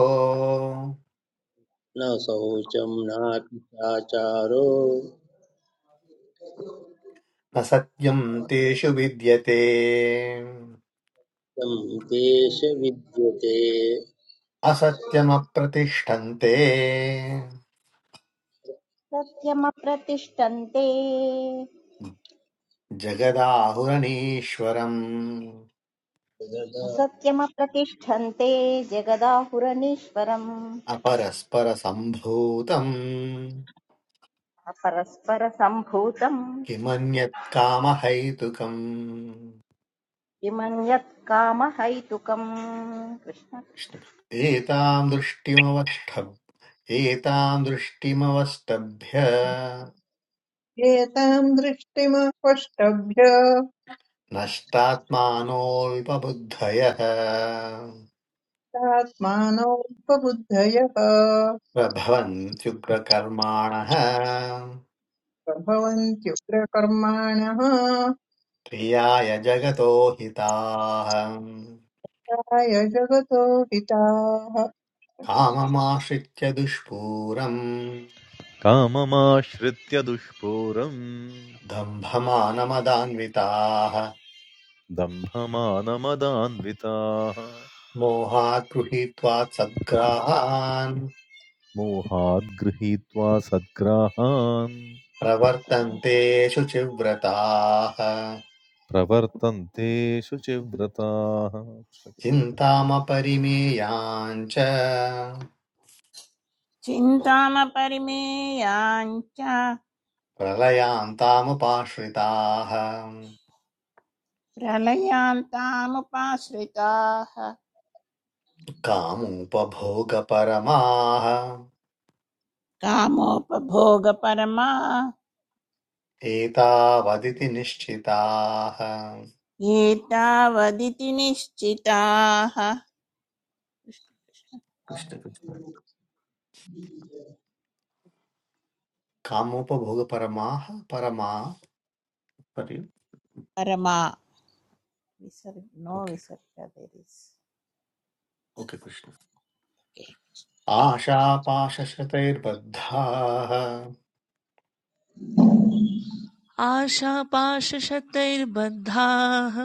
C: न शौचं नापि चाचारो
A: न सत्यम् तेषु विद्यते
C: तं देश विद्यते
A: असत्यमप्रतिष्ठन्ते
D: सत्यमप्रतिष्ठन्ते
A: जगदाहुरणीश्वरम्
D: असत्यमप्रतिष्ठन्ते जगदाहुरनीश्वरम्
A: अपरस्परसम्भूतम्
D: अपरस्परसम्भूतम्
A: किमन्यत् कामहैतुकम्
D: किमन्यत् कामहैतुकम् कृष्ण
A: कृष्ण। एताम् दृष्टिमवष्टभ्य एताम् दृष्टिमवष्टभ्य
E: एतां दृष्टिमपष्टभ्य
A: नष्टात्मानोऽल्पबुद्धयः
E: आत्मानोपबुद्धयः
A: प्रभवन्त्युग्रकर्माणः
E: प्रभवन्त्युग्रकर्माणः
A: प्रियाय जगतो हिताः
E: प्राय जगतो हिताः
A: काममाश्रित्य दुष्पूरम्
F: काममाश्रित्य दुष्पूरम्
A: दम्भमानमदान्विताः
F: दम्भमानमदान्विताः
A: मोहात् गृहीत्वा सद्ग्राहान्
F: मोहाद्गृहीत्वा सद्ग्राहान्
A: प्रवर्तन्ते शुचिव्रताः
F: प्रवर्तन्ते शुचिव्रताः
A: चिन्तामपरिमेयाञ्च
G: चिन्तामपरिमेयाञ्च
A: प्रलयान्तामुपाश्रिताः
G: प्रलयान्तामुपाश्रिताः
A: कामुपभोगपरमाः
G: कामोपभोगपरमा
A: एतावदिति निश्चिताः
G: ये तावदिति निश्चिताः
A: कृष्ण कृष्ण कामुपभोगपरमाः परमा परि
G: परमा विसर्ग नो
A: ओके
G: विसर्ग there is.
A: Okay Krishna
G: Okay.
A: आशापाशशतैर्बद्धाः
I: आशापाशशतैर्बद्धाः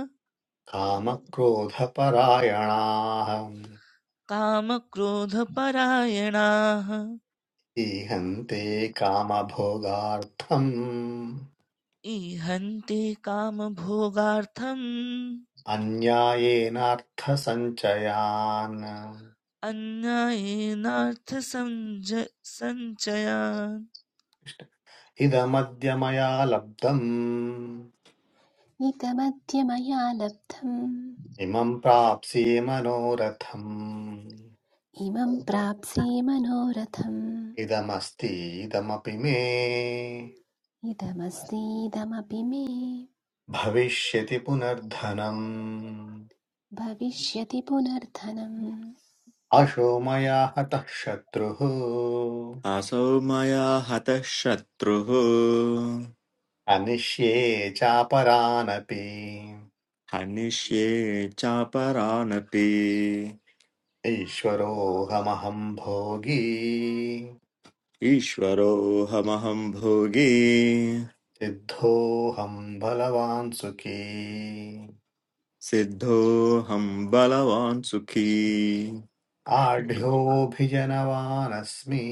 A: कामक्रोधपरायणाः
I: कामक्रोधपरायणाः
A: ईहन्ते कामभोगार्थम्
I: ईहन्ति कामभोगार्थम्
A: अन्यायेनार्थसञ्चयान्
I: अन्यायेनार्थसञ्ज सञ्चयान्
A: इदमद्य मया लब्धम्
J: निगमद्य मया लब्धम्
A: इमं प्राप्स्ये मनोरथम्
J: इमं प्राप्स्ये मनोरथम्
A: इदमस्ति इदमपि मे
J: इदमस्तीदमपि मे
A: भविष्यति पुनर्धनम्
J: भविष्यति पुनर्धनम्
A: अशो मया हतः शत्रुः
K: असौ मया हतः शत्रुः
A: अनिष्ये चापरानपि
K: हनिष्ये चापरानपि
A: ईश्वरोऽहमहं भोगी
K: ईश्वरोऽहमहम् भोगी
A: सिद्धोऽहं बलवान् सुखी
K: सिद्धोऽहम् बलवान् सुखी
A: आढ्योऽभिजनवानस्मि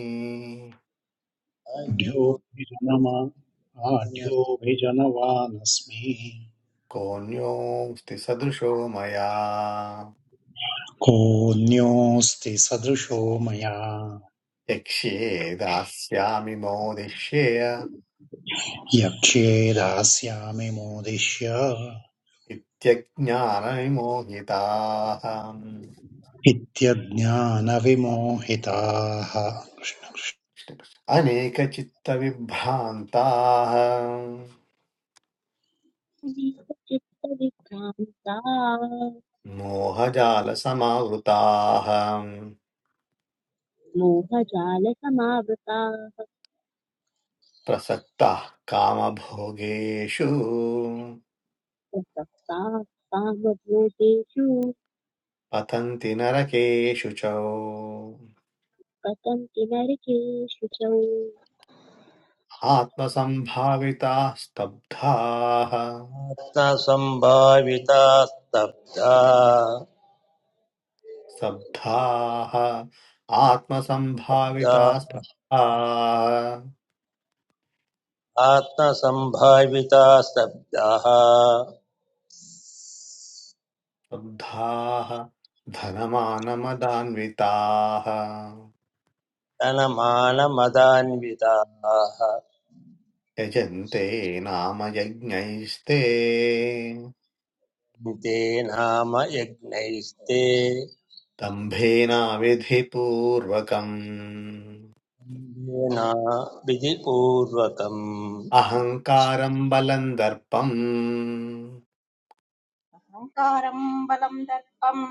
L: ढ्योभिजनमा आढ्योभिजनवानस्मि
A: कोऽन्योऽस्ति सदृशो मया
L: कोऽन्योऽस्ति सदृशो मया
A: यक्ष्ये दास्यामि मोदिष्येय
L: यक्ष्ये दास्यामि मोदिष्य
A: इत्यज्ञानविमोहिताः
L: इत्यज्ञानविमोहिताः
A: अनेकचित्तविभ्रान्ताः
B: अनेकचित्तविभ्रान्ता
A: मोहजालसमावृताः
B: मोहजालसमावृताः
A: प्रसक्ताः कामभोगेषु
B: प्रसक्ताः कामभोगेषु
A: पतन्ति नरकेषु च
B: पतन्ति नरकेषु च
A: आत्मसम्भाविताः स्तब्धाः
C: आत्मसम्भाविता स्तब्धा
A: स्तब्धाः
C: शब्दा
A: आत्मसम्भाविताः स्तब्धाः
C: आत्मसम्भाविता स्तब्धाः
A: स्तब्धाः धनमानमदान्विताः
C: तनमानमदान्विताः
A: यजन्ते नाम यज्ञैस्ते
C: ते नाम यज्ञैस्ते
A: दम्भेनाविधिपूर्वकम्
C: तेना विधिपूर्वकम्
A: अहङ्कारम् बलम् दर्पम्
D: अहङ्कारम् बलम् दर्पम्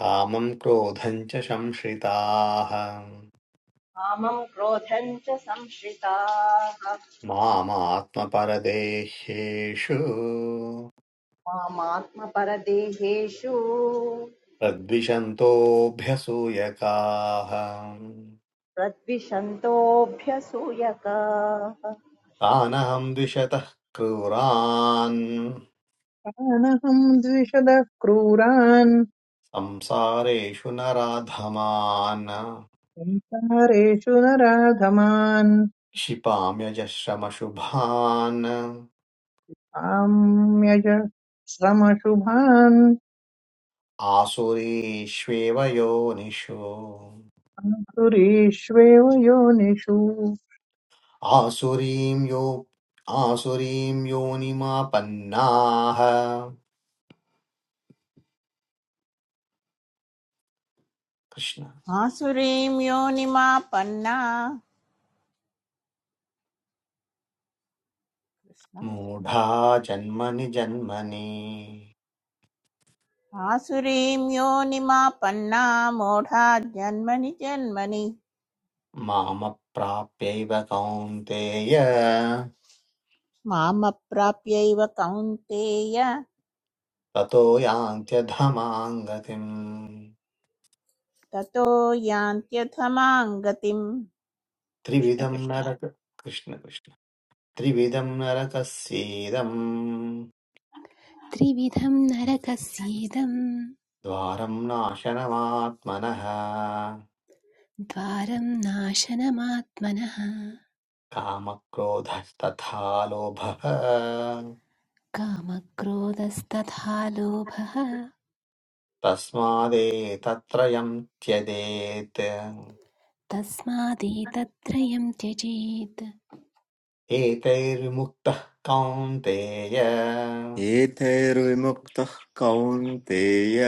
A: कामम् क्रोधम् च संश्रिताः
D: कामम् क्रोधम् च संश्रिताः
A: मामात्मपरदेहेषु
D: मामात्मपरदेहेषु
A: प्रद्विषन्तोऽभ्यसूयकाः
D: प्रद्विषन्तोऽभ्यसूयकाः जय
A: तानहं द्विषतः क्रूरान्
E: अनहं द्विषदः क्रूरान्
A: संसारेषु नराधमान्
E: संसारेषु नराधमान्
A: क्षिपाम्यजश्रमशुभान्
E: काम्यज श्रमशुभान्
A: आसुरीष्वेव योनिषु
E: सुरीष्वेव योनिषु
A: आसुरीं यो आसुरीं योनिमापन्नाः कृष्ण
G: आसुरीं योनिमापन्ना
A: मूढा जन्मनि जन्मनि
G: आसुरीं योनिमापन्ना मूढा जन्मनि जन्मनि
A: मामप्राप्यैव कौन्तेय
G: मामप्राप्यैव कौन्तेय
A: ततो यान्त्यधमां गतिम्
G: ततो यान्त्यथमां गतिम् कृष्ण
A: त्रिविधं
G: कृष्ण
A: नरक कृष्ण कृष्ण त्रिविधं नरकस्येदम्
J: त्रिविधं नरकस्येदं
A: द्वारं नाशनमात्मनः
J: द्वारं नाशनमात्मनः
A: कामक्रोधः तथा लोभः
J: कामक्रोधस्तथा लोभः
A: तस्मादेतत्रयं त्यजेत्
J: तस्मादेतत्त्रयं त्यजेत्
A: एतैर्मुक्तः कौन्तेय
K: एतैर्विमुक्तः कौन्तेय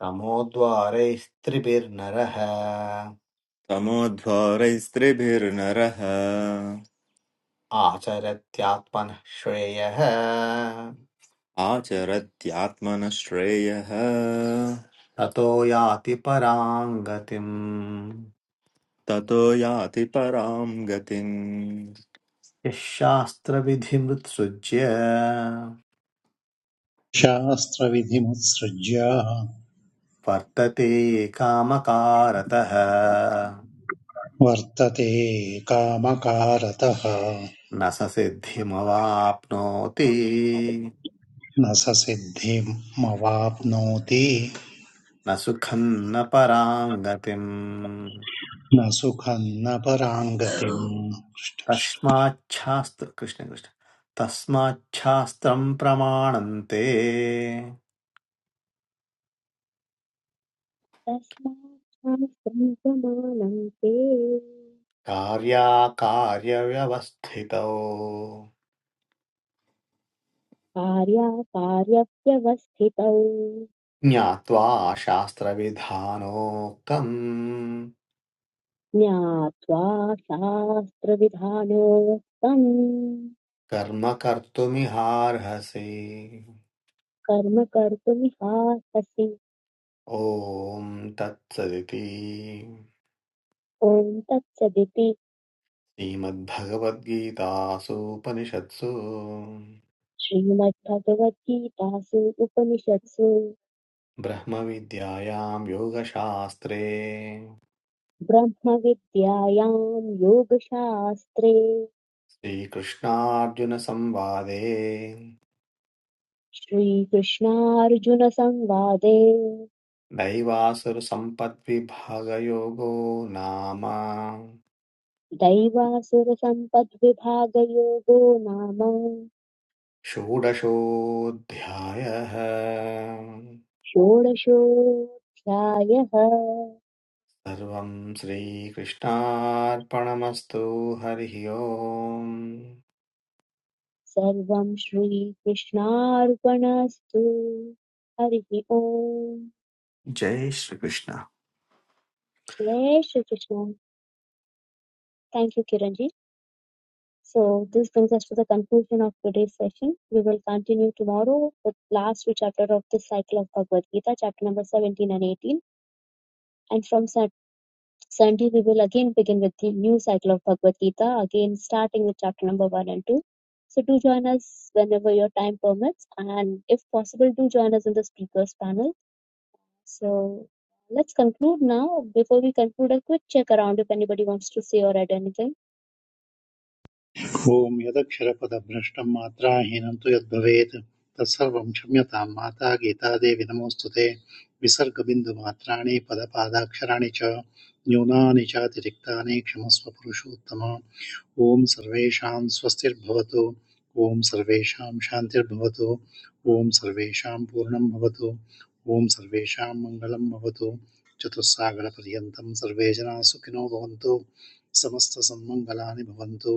A: तमोद्वारैस्त्रिभिर्नरः
K: तमोद्वारैस्त्रिभिर्नरः
A: आचरत्यात्मनः श्रेयः
K: आचरत्यात्मनः श्रेयः
A: ततो याति परां गतिम्
K: ततो याति परां गतिम्
A: यः शास्त्रविधिमुत्सृज्य
L: शास्त्रविधिमुत्सृज्य
A: वर्तते कामकारतः
L: वर्तते कामकारतः
A: न स सिद्धिमवाप्नोति
L: न स सिद्धिमवाप्नोति
A: न सुखं न परां गतिम्
L: न सुखं न पराङ्गतिम्
A: तस्माच्छास्त्र कृष्ण कृष्ण तस्माच्छास्त्रं प्रमाणन्ते
B: तस्मात् शास्त्रं प्रमाणं ते
A: कार्याकार्यव्यवस्थितौ
B: कार्याकार्यव्यवस्थितौ
A: ज्ञात्वा शास्त्रविधानोक्तम्
B: ज्ञात्वा शास्त्रविधानोक्तम्
A: कर्म कर्तुमिहार्हसि
B: कर्म कर्तुमिहार्हसि
A: ॐ तत्सदिति
B: ॐ तत्सदिति
A: श्रीमद्भगवद्गीतासूपनिषत्सु
B: श्रीमद्भगवद्गीतासु उपनिषत्सु
A: ब्रह्मविद्यायां योगशास्त्रे
B: ब्रह्मविद्यायां योगशास्त्रे
A: श्रीकृष्णार्जुनसंवादे
B: श्रीकृष्णार्जुनसंवादे
A: दैवासुरसम्पद्विभागयोगो नाम
B: दैवासुरसम्पद्विभागयोगो नाम
A: षोडशोऽध्यायः
B: षोडशोऽध्यायः
A: सर्वं श्रीकृष्णार्पणमस्तु हरिः ओम्
B: सर्वं श्रीकृष्णार्पणस्तु हरिः ओम्
A: जय श्रीकृष्ण
B: जय Shri Krishna thank you kiranji so this brings us to the conclusion of today's session we will continue tomorrow with last two chapter of this cycle of bhagavad gita chapter number 17 and 18 and from Sunday we will again begin with the new cycle of Bhagavad Gita, again starting with chapter number one and two. So do join us whenever your time permits, and if possible, do join us in the speakers panel. So let's conclude now. Before we conclude, a quick check around if anybody wants to say or add anything.
L: ॐ यदक्षरपदभ्रष्टं मात्राहीनं तु यद्भवेत् तत्सर्वं क्षम्यतां माता गीतादेवी नमोऽस्तु ते विसर्गबिन्दुमात्राणि पदपादाक्षराणि च न्यूनानि चातिरिक्तानि क्षमस्व पुरुषोत्तम ॐ सर्वेषां स्वस्तिर्भवतु ॐ सर्वेषां शान्तिर्भवतु ॐ सर्वेषां पूर्णं भवतु ॐ सर्वेषां मङ्गलं भवतु चतुस्सागरपर्यन्तं सर्वे जनाः सुखिनो भवन्तु समस्तसन्मङ्गलानि भवन्तु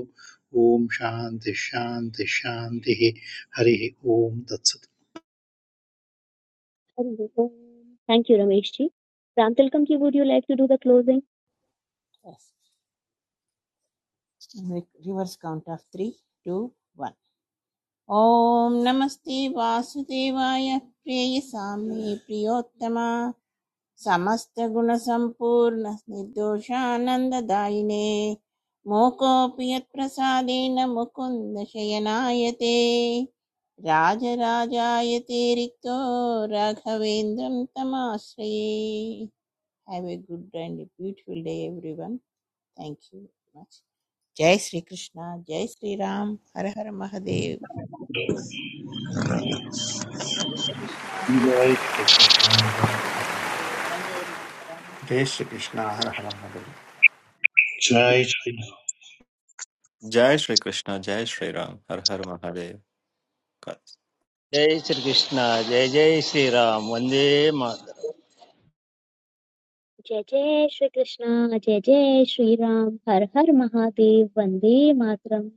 L: ॐ शान्तिः शान्तिः शान्तिः हरिः ॐ तत्सत्
B: Thank you, Ramesh ji. Ramtilkam would you like to do the closing?
G: Reverse count of three two one ॐ नमस्ते वासुदेवाय प्रेयसाम्ये प्रियोत्तमा समस्तगुणसम्पूर्ण निर्दोषानन्ददायिने मूकोऽपि यत्प्रसादेन मुकुन्द शयनायते राजराजायते रिक्तो राघवेन्द्रं तमाश्रये have a good and beautiful day everyone thank you very much जय श्री कृष्ण जय श्री राम हर हर महादेव
D: श्रीकृष्ण जय
L: जय श्री
D: श्रीराम
L: कृष्ण
D: हर हर महादेव वन्दे मातरम्
A: जय श्रीकृष्ण हर हर महादेव।
L: जय श्री
K: जय श्री कृष्ण जय श्री राम हर हर महादेव
C: जय श्रीकृष्ण जय जय श्रीराम वन्दे मातरम्
B: Jai Jai Shri Krishna, Jai Jai Shri Ram. Har Har Mahadev, Vande Matram.